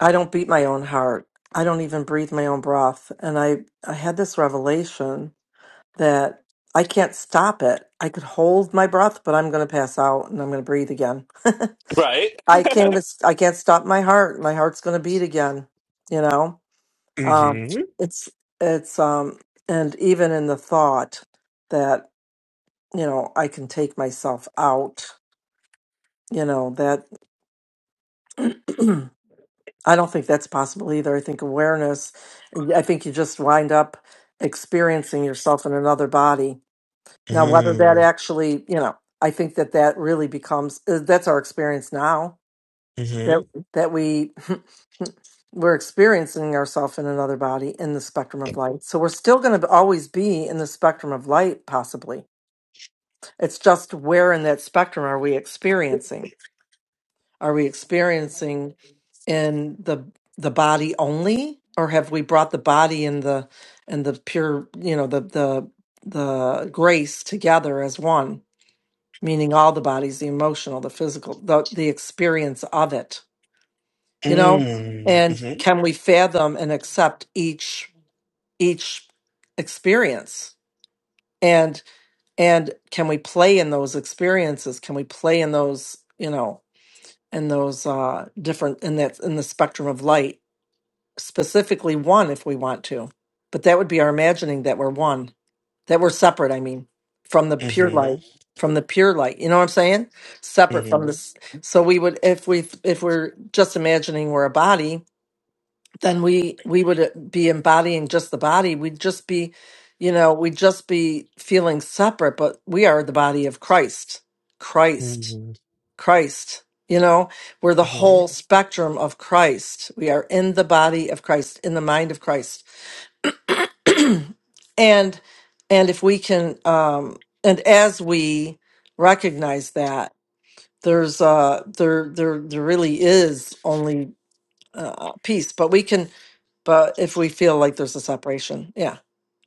S2: I don't beat my own heart. I don't even breathe my own breath. And I, I had this revelation that I can't stop it. I could hold my breath, but I'm going to pass out and I'm going to breathe again.
S3: Right?
S2: I can't, I can't stop my heart. My heart's going to beat again, you know? Um,
S3: Mm-hmm.
S2: it's it's um, and even in the thought that you know I can take myself out, you know that I don't think that's possible either. I think awareness. I think you just wind up experiencing yourself in another body. Now, whether that
S3: Mm,
S2: actually, you know, I think that that really becomes uh, that's our experience now. That
S3: Mm-hmm.
S2: that we we're experiencing ourselves in another body in the spectrum of light. So we're still going to always be in the spectrum of light, possibly It's just where in that spectrum are we experiencing? Are we experiencing in the the body only, or have we brought the body and the and the pure, you know, the the the grace together as one, meaning all the bodies, the emotional, the physical, the the experience of it, you know?
S3: Mm,
S2: And
S3: Mm-hmm.
S2: can we fathom and accept each each experience? And and can we play in those experiences? Can we play in those, you know, and those uh different in that in the spectrum of light specifically one if we want to but that would be our imagining that we're one that we're separate i mean from the pure
S3: Mm-hmm.
S2: light from the pure light you know what i'm saying separate
S3: Mm-hmm.
S2: from this so we would if we if we're just imagining we're a body then we we would uh, be embodying just the body we'd just be you know we'd just be feeling separate but we are the body of christ christ
S3: Mhm,
S2: Christ, you know, we're the
S3: mhm.
S2: whole spectrum of Christ. We are in the body of Christ, in the mind of Christ. and and if we can um and as we recognize that there's uh there there there really is only uh peace but we can but if we feel like there's a separation yeah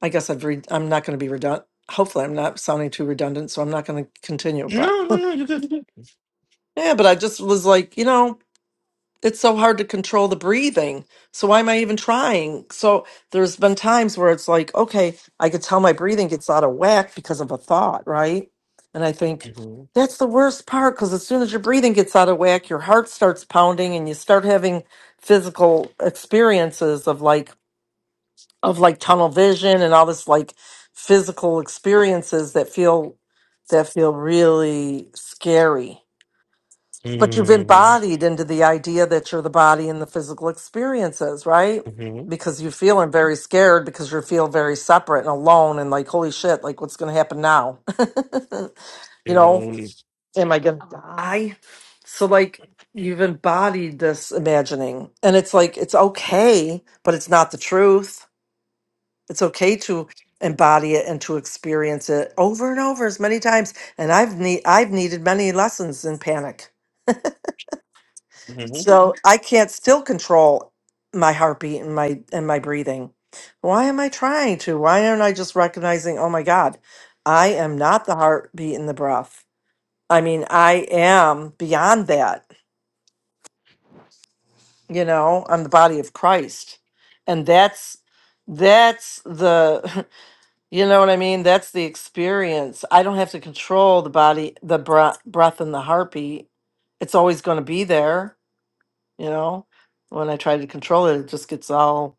S2: i guess i've re- i'm not going to be redundant hopefully i'm not sounding too redundant so i'm not going to continue but
S3: No, no, no, you're good.
S2: yeah but i just was like you know it's so hard to control the breathing. So why am I even trying? So there's been times where it's like, okay, I could tell my breathing gets out of whack because of a thought, right? And I think
S3: Mhm,
S2: that's the worst part because as soon as your breathing gets out of whack, your heart starts pounding and you start having physical experiences of like of like tunnel vision and all this like physical experiences that feel that feel really scary but you've
S3: mhm,
S2: embodied into the idea that you're the body and the physical experiences, right?
S3: mhm,
S2: Because you're feeling very scared because you feel very separate and alone and like, holy shit, like what's going to happen now? you know,
S3: mhm,
S2: am I going to die? So, like, you've embodied this imagining. And it's like, it's okay, but it's not the truth. It's okay to embody it and to experience it over and over as many times. And I've need I've needed many lessons in panic
S3: mhm,
S2: So I can't still control my heartbeat and my and my breathing. Why am I trying to? Why aren't I just recognizing, oh my God, I am not the heartbeat and the breath. I mean, I am beyond that, you know, I'm the body of Christ. And that's that's the you know what I mean? That's the experience. I don't have to control the body, the breath breath and the heartbeat. It's always going to be there you know when i try to control it it just gets all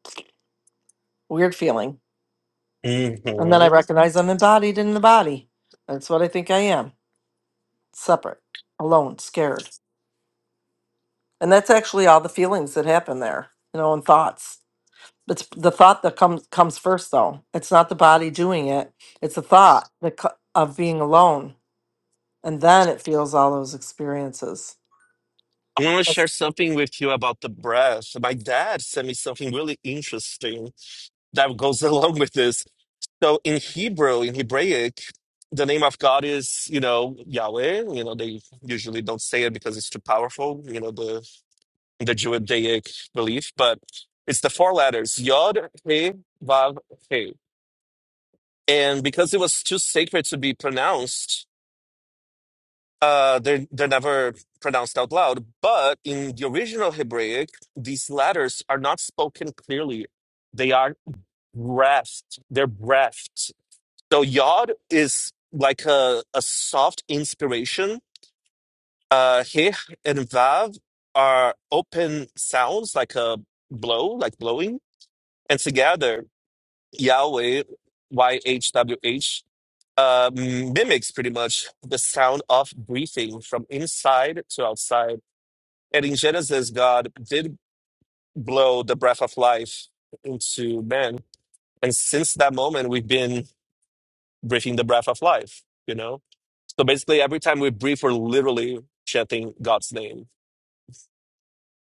S2: weird feeling and then i
S3: mhm.
S2: recognize i'm embodied in the body that's what i think i am separate alone scared and that's actually all the feelings that happen there you know and thoughts it's the thought that comes comes first though it's not the body doing it it's the thought that co- of being alone and then it feels all those experiences
S3: I want to share
S2: That's-
S3: something with you about the breath. My dad sent me something really interesting that goes along with this. So in Hebrew, in Hebraic, the name of God is, you know, Yahweh. You know, they usually don't say it because it's too powerful, you know, the the Judaic belief, but it's the four letters, Yod, He, Vav, He. and because it was too sacred to be pronounced, uh, they're they're never pronounced out loud. But in the original Hebraic, these letters are not spoken clearly; they are breathed. They're breathed. So yod is like a a soft inspiration. Uh, he and vav are open sounds, like a blow, like blowing, and together Yahweh, Y H W H uh, mimics pretty much the sound of breathing from inside to outside. And in Genesis, God did blow the breath of life into man. And since that moment, we've been breathing the breath of life, you know? So basically, every time we breathe, we're literally chanting God's name.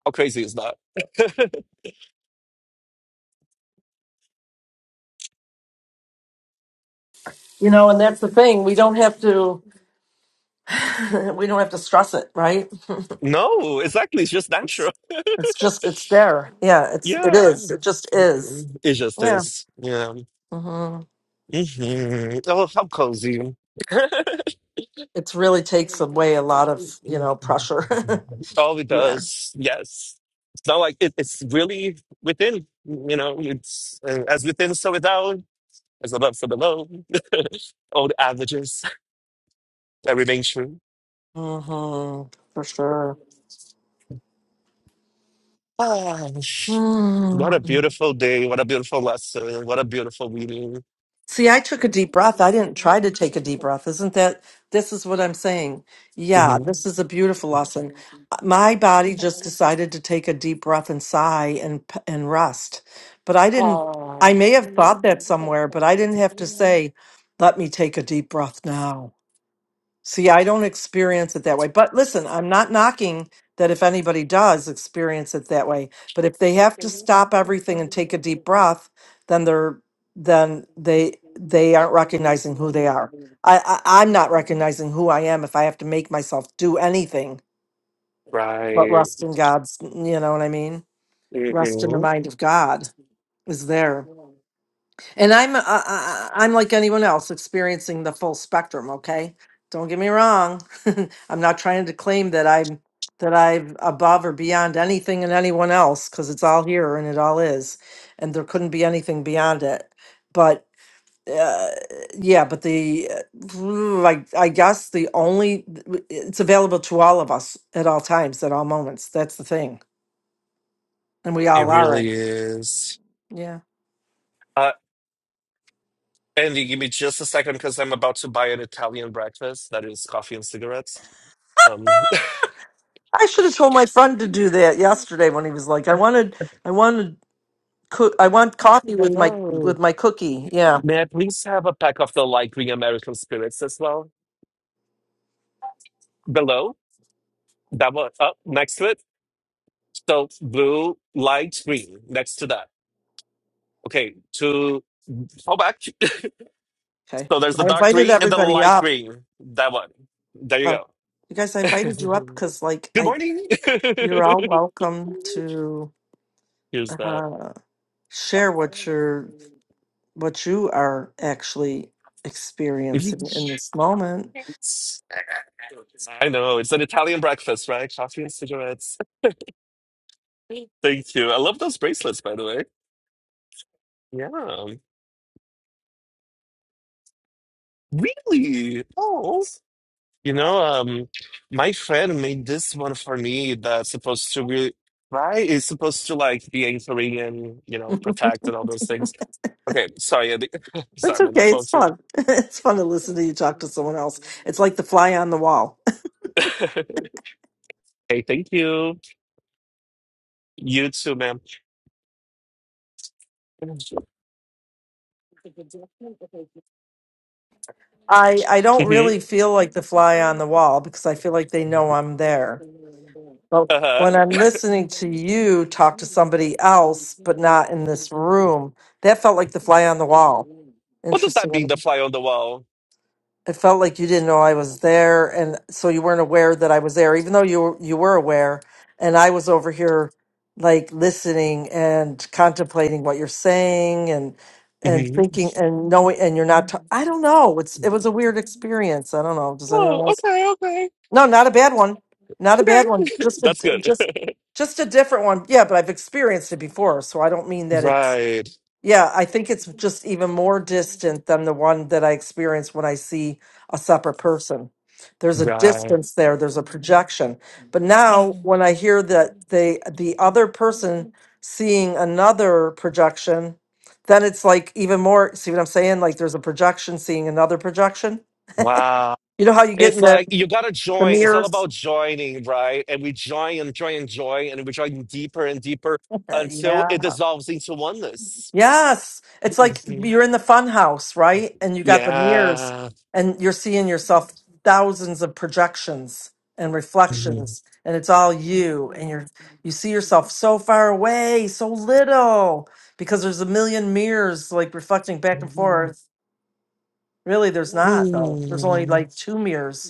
S3: How crazy is that?
S2: you know and that's the thing we don't have to we don't have to stress it right
S3: no, exactly. It's just
S2: It's
S3: natural.
S2: it's just it's there. Yeah, it's it
S3: Yeah.
S2: is. It just is.
S3: It just
S2: Yeah.
S3: is. Yeah.
S2: hmm
S3: hmm Oh, how cozy.
S2: It's really takes away a lot of you know pressure.
S3: Oh, it
S2: yeah.
S3: does. Yes. It's not like it, it's really within, you know, it's uh, as within, so without, as above, so below. Old averages that remain true.
S2: hmm For sure.
S3: Ah, what a beautiful day. What a beautiful lesson. What a beautiful meeting!
S2: See, I took a deep breath. I didn't try to take a deep breath. Isn't that this is what I'm saying? Yeah,
S3: Mhm.
S2: this is a beautiful lesson. My body just decided to take a deep breath and sigh and p- and rest. But I didn't I may have thought that somewhere, but I didn't have to say, "Let me take a deep breath now." See, I don't experience it that way. But listen, I'm not knocking that if anybody does experience it that way. But if they have to stop everything and take a deep breath, then they're then they they aren't recognizing who they are. I, I I'm not recognizing who I am if I have to make myself do anything but
S3: Right.
S2: rest in God's. You know what I mean? Rest in the
S3: hmm
S2: mind of God is there. And I'm uh, uh, uh, I'm like anyone else experiencing the full spectrum, okay? Don't get me wrong. I'm not trying to claim that I'm that I'm above or beyond anything and anyone else cuz it's all here and it all is and there couldn't be anything beyond it. But uh, yeah, but the uh, I I guess the only it's available to all of us at all times at all moments. That's the thing. And we
S3: It
S2: all are. it.
S3: really is.
S2: Yeah.
S3: Uh, Andy, give me just a second because I'm about to buy an Italian breakfast that is coffee and cigarettes. Um,
S2: I should have told my friend to do that yesterday when he was like, "I wanted, I wanted, coo- I want coffee with my
S3: Hello.
S2: with my cookie." Yeah,
S3: May I please have a pack of the light green American spirits as well? Below, that one up next to it. So blue, light green next to that. Okay, to go back.
S2: okay.
S3: so there's the
S2: I
S3: dark
S2: invited
S3: green and the
S2: everybody
S3: light
S2: up.
S3: green. That one. There you
S2: Uh,
S3: go.
S2: you guys, I invited you up because, like,
S3: Good
S2: I
S3: morning.
S2: you're all welcome to
S3: Here's that.
S2: uh, share what you're what you are actually experiencing in this moment.
S3: I know it's an Italian breakfast, right? Coffee and cigarettes. Thank you. I love those bracelets, by the way. Yeah. Really? Oh. You know, um, my friend made this one for me that's supposed to be right. It's supposed to like be anchoring and, you know, protect and all those things. Okay, sorry, I think-
S2: It's
S3: sorry, I'm on the
S2: okay.
S3: phone
S2: It's
S3: too.
S2: fun. It's fun to listen to you talk to someone else. It's like the fly on the wall.
S3: Hey, thank you. You too, ma'am. hmm
S2: I I don't really feel like the fly on the wall because I feel like they know I'm there. But
S3: Uh-huh.
S2: when I'm listening to you talk to somebody else, but not in this room, that felt like the fly on the wall.
S3: What does that mean,
S2: Interesting.
S3: the fly on the wall?
S2: it felt like you didn't know I was there, and so you weren't aware that I was there, even though you were, you were aware. And I was over here, like listening and contemplating what you're saying, and and
S3: hmm
S2: thinking and knowing, and you're not. ta- I don't know. It's it was a weird experience. I don't know. Does anyone
S3: Oh,
S2: else?
S3: okay, okay,
S2: No, not a bad one. Not a
S3: okay.
S2: bad one. Just a
S3: That's good.
S2: just just a different one. Yeah, but I've experienced it before, so I don't mean that it's
S3: Right,
S2: yeah, I think it's just even more distant than the one that I experience when I see a separate person. There's a
S3: right.
S2: distance there, there's a projection. But now when I hear that they the other person seeing another projection, then it's like even more, see what I'm saying? Like there's a projection seeing another projection.
S3: Wow.
S2: You know how you get in
S3: It's
S2: the,
S3: like you gotta
S2: the
S3: join. It's all
S2: mirrors?
S3: about joining, right? And we join and join and join, and we join deeper and deeper until
S2: Yeah.
S3: it dissolves into oneness.
S2: Yes. It's like
S3: Mhm.
S2: you're in the fun house, right? And you got the mirrors
S3: Yeah.
S2: and you're seeing yourself thousands of projections and
S3: Mhm.
S2: reflections and it's all you and you're you see yourself so far away, so little because there's a million mirrors like reflecting back and forth. Really there's not though. There's only like two mirrors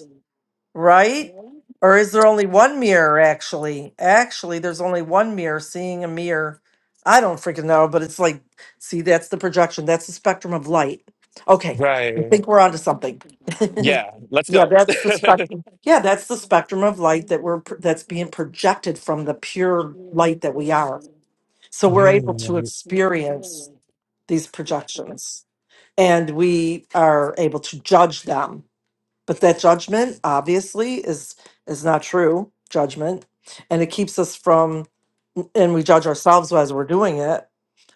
S2: right? Or is there only one mirror actually? Actually, there's only one mirror seeing a mirror. I don't freaking know, but it's like, see, that's the projection. That's the spectrum of light. Okay, I
S3: Right.
S2: think we're onto something.
S3: Yeah. Let's
S2: yeah,
S3: go.
S2: that's the spectrum. Yeah, that's the spectrum of light that we're pr- that's being projected from the pure light that we are. So we're able to
S3: Mm,
S2: experience these projections, and we are able to judge them but that judgment obviously is is not true judgment and it keeps us from and we judge ourselves as we're doing it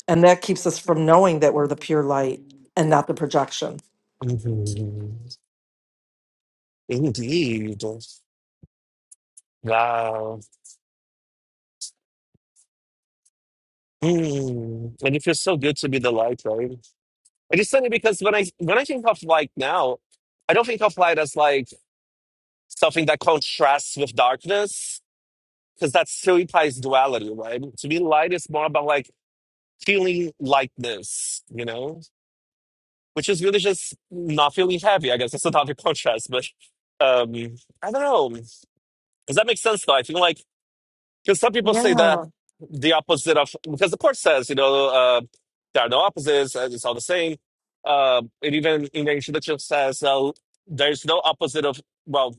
S2: and that keeps us from knowing that we're the pure light and not the projection
S3: mhm. Indeed. Wow. Mm. And it feels so good to be the light, right? And it's funny because when I when I think of light now, I don't think of light as like something that contrasts with darkness because that still implies duality, right? To me, light is more about like feeling like this, you know, which is really just not feeling heavy. I guess that's another contrast, but um, I don't know. Does that make sense though? I feel like because some people say that the opposite of because the court says you know uh, there are no opposites, uh, it's all the same. Uh, and even in the introduction says uh, there's no opposite of well.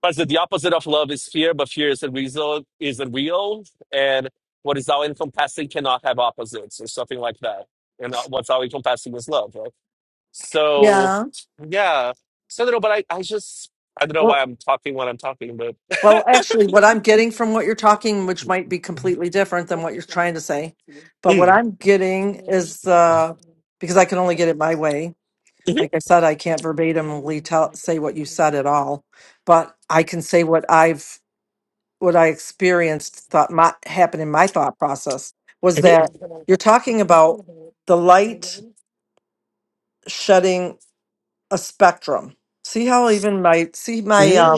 S3: But the opposite of love is fear, but fear is a real, is a real, and what is all encompassing cannot have opposites or something like that. And uh, what's all encompassing is love, right? So,
S2: Huh?
S3: yeah. So, I don't know, but I, I just, I don't know why
S2: well
S3: I'm talking when I'm talking, but.
S2: well actually what i'm getting from what you're talking which might be completely different than what you're trying to say but what
S3: Mm.
S2: i'm getting
S3: Mhm.
S2: is uh because i can only get it my way like i said i can't verbatimly tell say what you said at all but i can say what i've what I experienced thought my happened in my thought process was
S3: Mhm.
S2: that you're talking about the light shedding a spectrum. See how even my see my uh,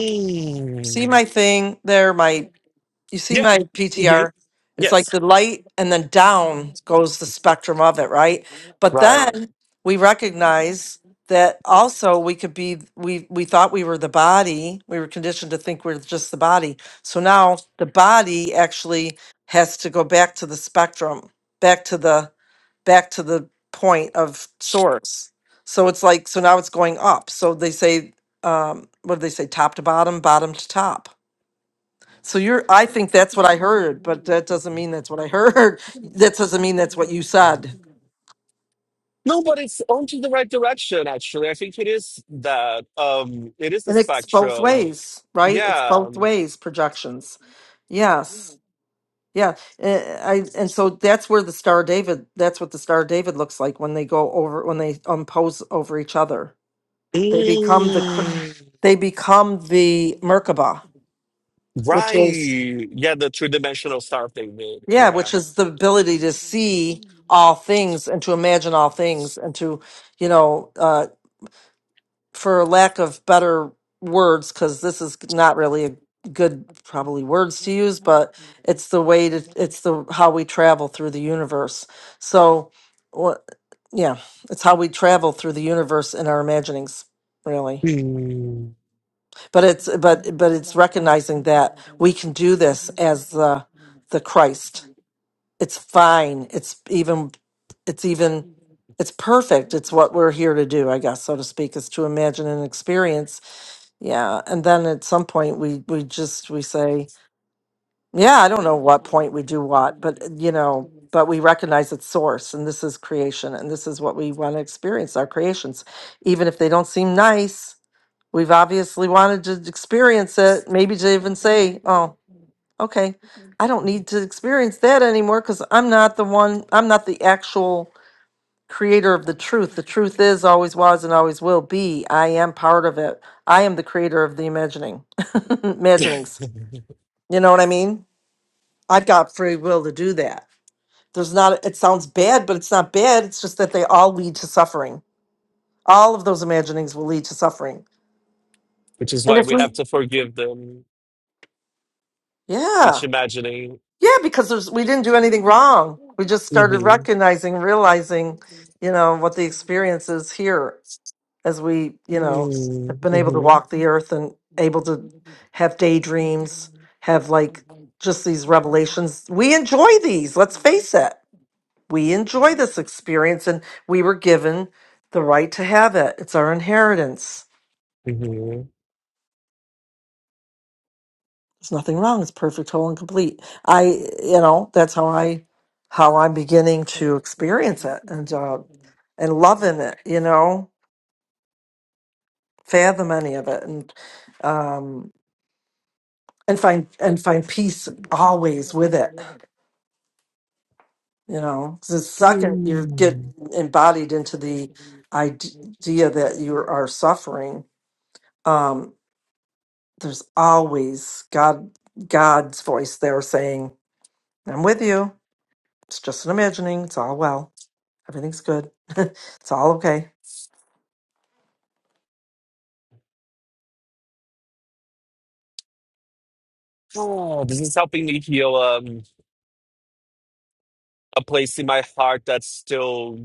S2: see my thing there, my you see
S3: Yeah.
S2: my
S3: hmm
S2: PTR? It's like
S3: Yes.
S2: the light and then down goes the spectrum of it, right? But
S3: Right.
S2: then we recognize that also we could be we we thought we were the body. We were conditioned to think we're just the body. So now the body actually has to go back to the spectrum, back to the back to the point of source. So it's like so now it's going up. So they say um what do they say top to bottom, bottom to top so you're, I think that's what I heard, but that doesn't mean that's what I heard. That doesn't mean that's what you said.
S3: No, but it's going to the right direction, actually. I think it is that. Um, it is the
S2: And it's both
S3: spectrum.
S2: ways, right? It's
S3: Yeah.
S2: both ways projections. Yes. Yeah. Eh, eh, I, and so that's where the star of David, that's what the star of David looks like when they go over, when they impose over each other. They become the, cr- Mm.
S3: Mm,
S2: they become the Merkaba, which
S3: right.
S2: is,
S3: Yeah, the three-dimensional stuff they made.
S2: yeah,
S3: Yeah.
S2: which is the ability to see all things and to imagine all things and to, you know, uh, for lack of better words, because this is not really a good probably words to use, but it's the way to it's the how we travel through the universe. So, wha- yeah, it's how we travel through the universe in our imaginings, really.
S3: Mm.
S2: But it's but but it's recognizing that we can do this as the the Christ. It's fine. It's even it's even it's perfect. It's what we're here to do, I guess, so to speak, is to imagine and experience yeah, and then at some point we we just we say, yeah, I don't know what point we do what, but uh, you know, but we recognize its source and this is creation and this is what we want to experience our creations. Even if they don't seem nice, we've obviously wanted to experience it, maybe to even say, oh, okay, I don't need to experience that anymore because I'm not the one, I'm not the actual creator of the truth. The truth is, always was, and always will be. I am part of it. I am the creator of the imagining, imaginings. You know what I mean? I've got free will to do that. There's not, it sounds bad, but it's not bad. It's just that they all lead to suffering. All of those imaginings will lead to suffering.
S3: Which is
S2: And
S3: why
S2: if
S3: we
S2: we,
S3: have to forgive them.
S2: yeah,
S3: It's imagining.
S2: yeah, because there's, we didn't do anything wrong. We just started
S3: mm
S2: recognizing, realizing, you know, what the experience is here as we,
S3: hmm
S2: you know,
S3: Mm,
S2: have been able to
S3: hmm
S2: walk the earth and able to have daydreams, have like just these revelations. We enjoy these, let's face it. We enjoy this experience and we were given the right to have it. It's our inheritance.
S3: mm hmm
S2: There's nothing wrong. It's perfect, whole, and complete. I, you know, that's how I, how I'm beginning to experience it and, uh, and loving it, you know, fathom any of it. And, um, and find and find peace always with it you know because the second you get embodied into the idea that you are suffering um there's always god god's voice there saying i'm with you it's just an imagining it's all well everything's good it's all okay
S3: Oh, this is helping me heal um, a place in my heart that still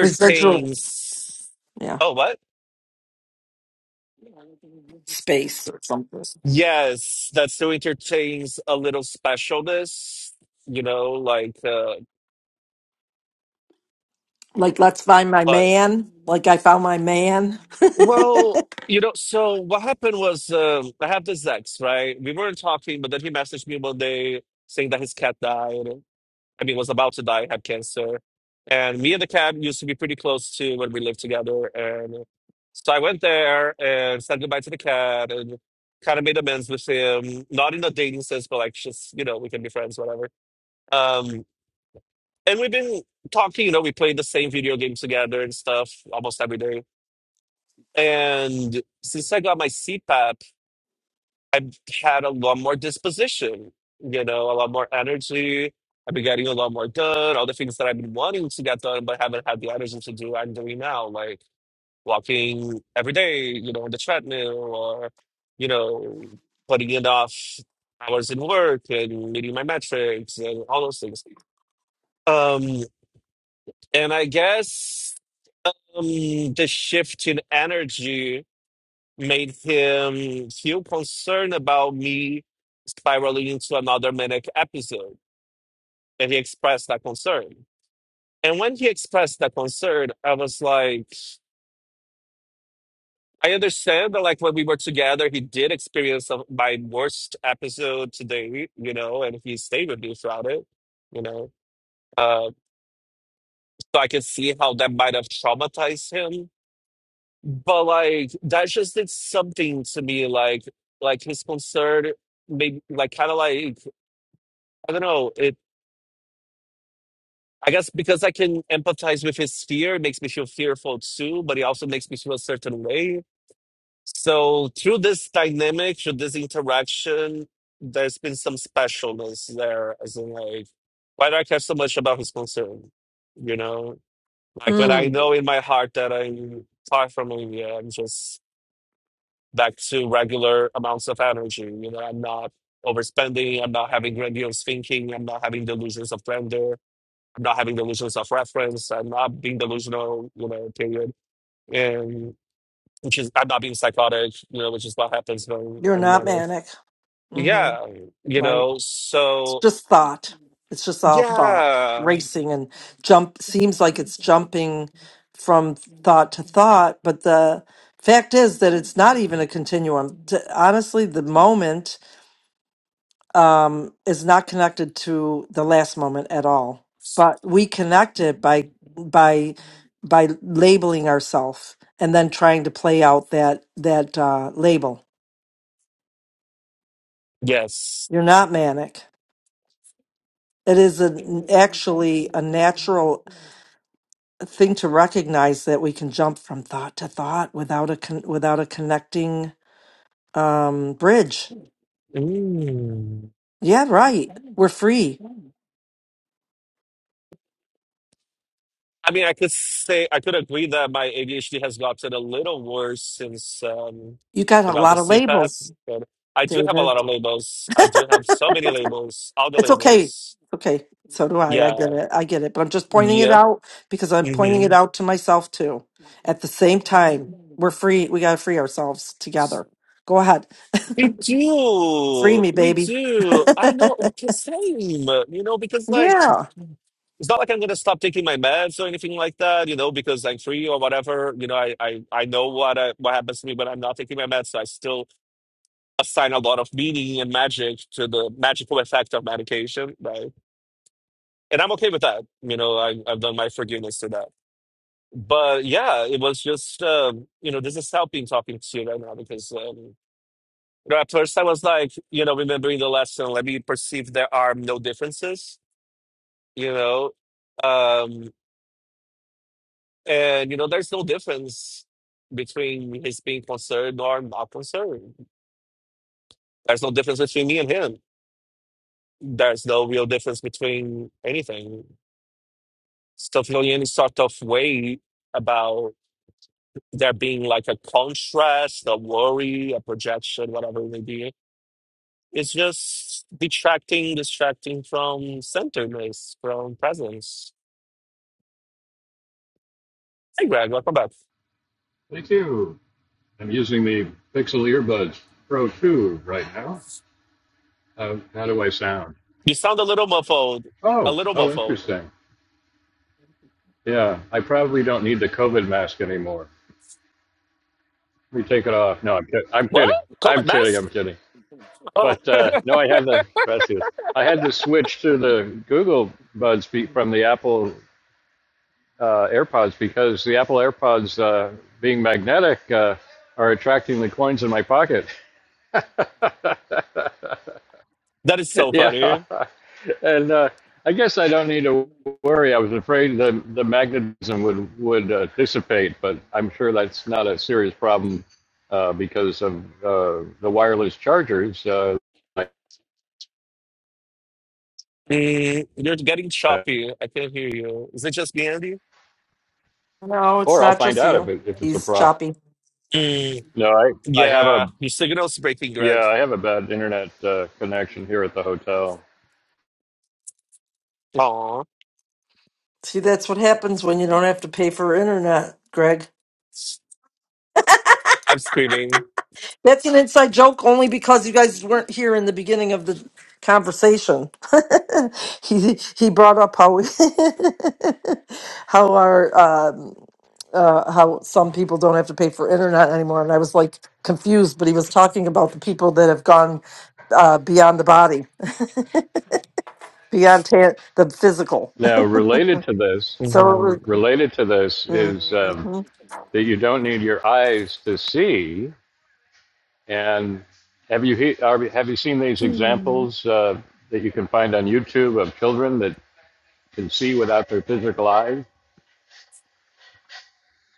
S2: residual yeah
S3: Oh, what?
S2: space or something
S3: Yes, that still entertains a little specialness, you know, like, uh,
S2: like let's find my
S3: but,
S2: man like i found my man
S3: well, you know, so what happened was, um, I have this ex, right? We weren't talking, but then he messaged me one day saying that his cat died. I mean, was about to die, had cancer. And me and the cat used to be pretty close to when we lived together. And so I went there and said goodbye to the cat and kind of made amends with him, not in a dating sense, but like just, you know, we can be friends, whatever. Um. and we've been talking. You know, we played the same video games together and stuff almost every day. And since I got my CPAP, I've had a lot more disposition. You know, a lot more energy. I've been getting a lot more done. All the things that I've been wanting to get done, but haven't had the energy to do, I'm doing now. Like walking every day, you know, on the treadmill, or you know, putting in off hours in work and meeting my metrics and all those things. Um, and I guess um, the shift in energy made him feel concerned about me spiraling into another manic episode. And he expressed that concern. And when he expressed that concern, I was like, I understand that, like, when we were together, he did experience of my worst episode today, you know, and he stayed with me throughout it, you know. Uh, so I can see how that might have traumatized him But like that just did something to me. Like like his concern, maybe like kind of like I don't know. It I guess because I can empathize with his fear, it makes me feel fearful too. But it also makes me feel a certain way. So through this dynamic, through this interaction, there's been some specialness there. As in, like why do I care so much about his concern? You know, like when I
S2: mm,
S3: know in my heart that I'm far from him, yeah, I'm just back to regular amounts of energy. You know, I'm not overspending. I'm not having grandiose thinking. I'm not having delusions of grandeur. I'm not having delusions of reference. I'm not being delusional, you know, period. And which is, I'm not being psychotic, you know, which is what happens when
S2: you're
S3: I'm
S2: not
S3: managed.
S2: manic hmm
S3: Yeah, you
S2: right
S3: know,
S2: It's
S3: so
S2: just thought. It's just all thought
S3: yeah,
S2: racing and jump seems like it's jumping from thought to thought, but the fact is that it's not even a continuum. To, honestly, the moment um, is not connected to the last moment at all. But we connect it by by by labeling ourselves and then trying to play out that that uh, label.
S3: yes.
S2: You're not manic. It is an actually a natural thing to recognize that we can jump from thought to thought without a con- without a connecting um bridge.
S3: Mm.
S2: Yeah, right. We're free.
S3: I mean, I could say I could agree that my ADHD has gotten a little worse since um,
S2: You got
S3: I
S2: a
S3: got the
S2: lot of
S3: CPAP,
S2: labels,
S3: but I do have a
S2: David.
S3: lot of labels. I do have so many labels, all the
S2: It's okay.
S3: labels.
S2: Okay. So do I. I get
S3: Yeah.
S2: it. I get it. But I'm just pointing it
S3: Yep.
S2: out because I'm pointing
S3: hmm
S2: it out to myself too. At the same time, we're free. We got to free ourselves together. Go ahead.
S3: We
S2: Free
S3: do.
S2: me,
S3: We
S2: baby.
S3: do. I
S2: yeah.
S3: know. k- Same. You know, because like it's not like I'm gonna stop taking my meds or anything like that. You know, because I'm free or whatever. You know, I I I know what I, what happens to me when I'm not taking my meds. So I still assign a lot of meaning and magic to the magical effect of medication, right? And I'm okay with that. You know, I, I've done my forgiveness to that. But yeah, it was just, um, you know, this is helping talking to you right now because, um, you know, at first I was like, you know, remembering the lesson, let me perceive there are no differences, you know, um, and, you know, there's no difference between his being concerned or not concerned. There's no difference between me and him. There's no real difference between anything So any sort of way about there being like a contrast, a worry, a projection, whatever it may be. It's just detracting, distracting from centeredness, from presence. Hey, Greg, welcome back.
S1: Thank you. I'm using the Pixel Earbuds Pro 2 right now. How, how do I sound?
S3: You sound a little muffled. A
S1: Oh,
S3: little
S1: oh,
S3: muffled.
S1: interesting. Yeah, I probably don't need the COVID mask anymore. We take it off. No, I'm, kid- I'm
S3: What?
S1: kidding. I'm
S3: COVID
S1: kidding.
S3: mask?
S1: I'm kidding.
S3: Oh,
S1: But uh, no, I had the gracias. I had to switch to the Google Buds be, from the Apple uh, AirPods because the Apple AirPods, uh, being magnetic, uh, are attracting the coins in my pocket.
S3: that is so
S1: yeah,
S3: funny.
S1: and uh, I guess I don't need to worry. I was afraid the the magnetism would would uh, dissipate, but I'm sure that's not a serious problem uh, because of uh, the wireless chargers. Uh,
S3: Mm, you're getting choppy. I can't hear you. Is it just me, Andy?
S2: No, it's
S1: or I'll
S2: not
S1: find
S2: just
S1: out if
S2: you.
S1: it, if it's a
S2: He's
S1: problem.
S2: choppy.
S3: Mm,
S1: No, I I have a
S3: yeah, your signal's breaking, Greg.
S1: yeah, I have a bad internet uh, connection here at the hotel.
S3: Aw,
S2: See, that's what happens when you don't have to pay for internet, Greg.
S3: I'm screaming.
S2: That's an inside joke only because you guys weren't here in the beginning of the conversation. he he brought up how we how our um, uh, how some people don't have to pay for internet anymore, and I was like confused, but he was talking about the people that have gone uh, beyond the body, beyond ta- the physical.
S1: Now, related to this,
S2: So it
S3: Mm-hmm.
S2: was.
S1: related to this is um,
S2: mm-hmm.
S1: that you don't need your eyes to see. And have you he- are, have you seen these examples uh, that you can find on YouTube of children that can see without their physical eyes?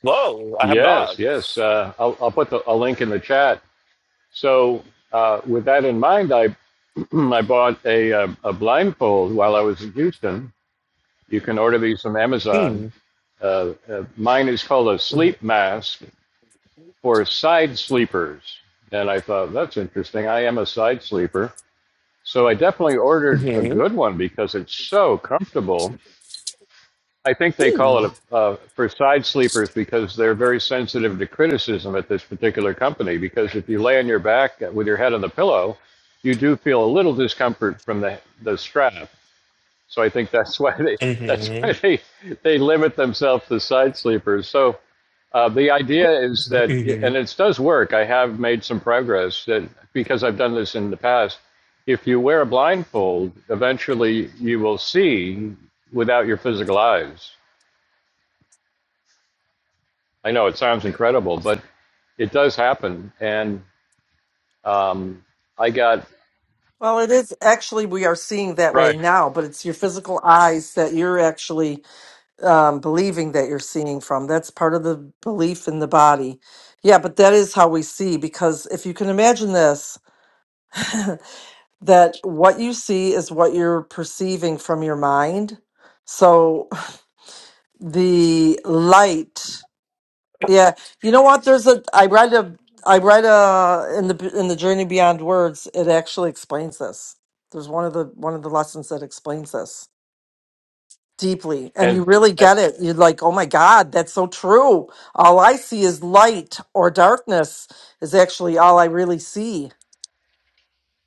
S3: No, I have not.
S1: Yes, yes. Uh, I'll, I'll put the, a link in the chat. So, uh, with that in mind, I, Hmm, I bought a, uh, a blindfold while I was in Houston. You can order these from Amazon.
S3: Mm.
S1: Uh, uh, mine is called a sleep mask for side sleepers. And I thought, that's interesting. I am a side sleeper. So I definitely ordered a
S3: Mm-hmm.
S1: good one because it's so comfortable. I think they call
S3: Mm.
S1: it a, uh, for side sleepers because they're very sensitive to criticism at this particular company. Because if you lay on your back with your head on the pillow, you do feel a little discomfort from the, the strap So I think that's why they that's
S3: Mm-hmm.
S1: why they they limit themselves to side sleepers. So uh, the idea is that, and it does work. I have made some progress that because I've done this in the past. If you wear a blindfold, eventually you will see without your physical eyes. I know it sounds incredible, but it does happen. And um, I got
S2: Well, it is actually, we are seeing that way
S1: right,
S2: now, but it's your physical eyes that you're actually um, believing that you're seeing from. That's part of the belief in the body. Yeah, but that is how we see, because if you can imagine this, that what you see is what you're perceiving from your mind. So the light. Yeah, you know what? There's a I read a I read a in the in the Journey Beyond Words. It actually explains this. There's one of the one of the lessons that explains this deeply, and you
S1: and,
S2: really
S1: and
S2: get it. You're like, oh my God, that's so true. All I see is light or darkness is actually all I really see.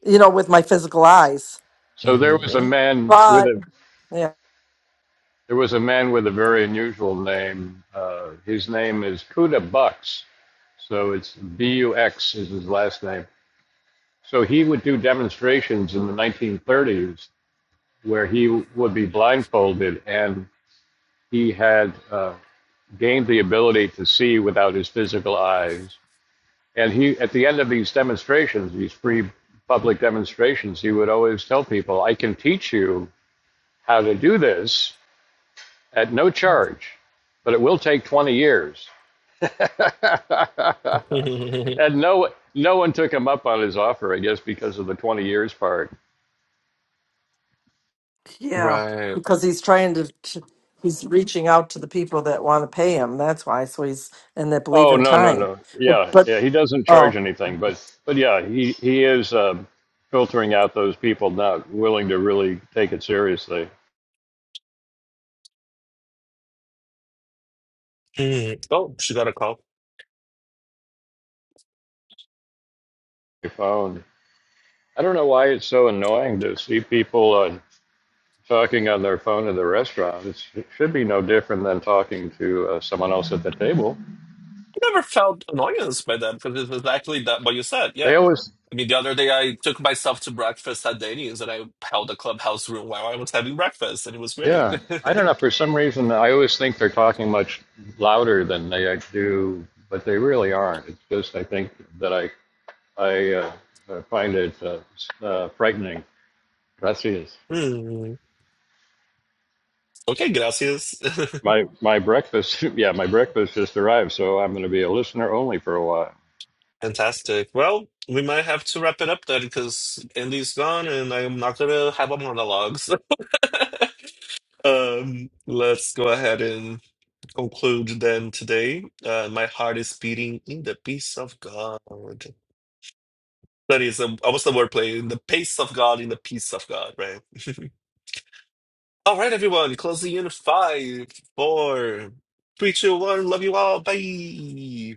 S2: You know, with my physical eyes.
S3: Mm-hmm.
S1: so there was a
S3: Mm-hmm.
S1: man with
S2: But
S1: a
S2: yeah,
S1: There was a man with a very unusual name. Uh, his name is Kuda Bux, So it's B U X is his last name. So he would do demonstrations in the 1930s where he would be blindfolded and he had uh, gained the ability to see without his physical eyes. And he, at the end of these demonstrations, these free public demonstrations, he would always tell people, I can teach you how to do this at no charge, but it will take 20 years. and no no one took him up on his offer, I guess, because of the twenty years part.
S2: yeah,
S3: Right.
S2: because he's trying to. to- He's reaching out to the people that want to pay him. That's why. So he's and that believe
S1: Oh
S2: in
S1: no no
S2: time.
S1: no
S2: But
S1: yeah
S2: but
S1: yeah he doesn't
S2: Oh,
S1: charge anything, but but yeah he he is um, filtering out those people not willing to really take it seriously.
S3: Mm. Oh, she got a call.
S1: Your phone. I don't know why it's so annoying to see people uh, talking on their phone at the restaurant. It's, it should be no different than talking to uh, someone else at the table.
S3: I never felt annoyance by that because it was actually that what you said. Yeah.
S1: They always
S3: I mean, the other day I took myself to breakfast at Denny's and I held a clubhouse room while I was having breakfast and it was great.
S1: Yeah, I don't know. For some reason, I always think they're talking much louder than they do, but they really aren't. It's just I think that I I uh, uh, find it uh, s- uh, frightening. Gracias.
S3: Mm. Okay, gracias.
S1: My my breakfast, yeah, my breakfast just arrived, so I'm going to be a listener only for a while.
S3: Fantastic. Well, we might have to wrap it up then because Andy's gone and I'm not gonna have a monologue. So, um, let's go ahead and conclude then today. Uh, my heart is beating in the peace of God. That is um, almost the wordplay in the pace of God, in the peace of God, right? all right, everyone, closing in five, four, three, two, one. Love you all. Bye.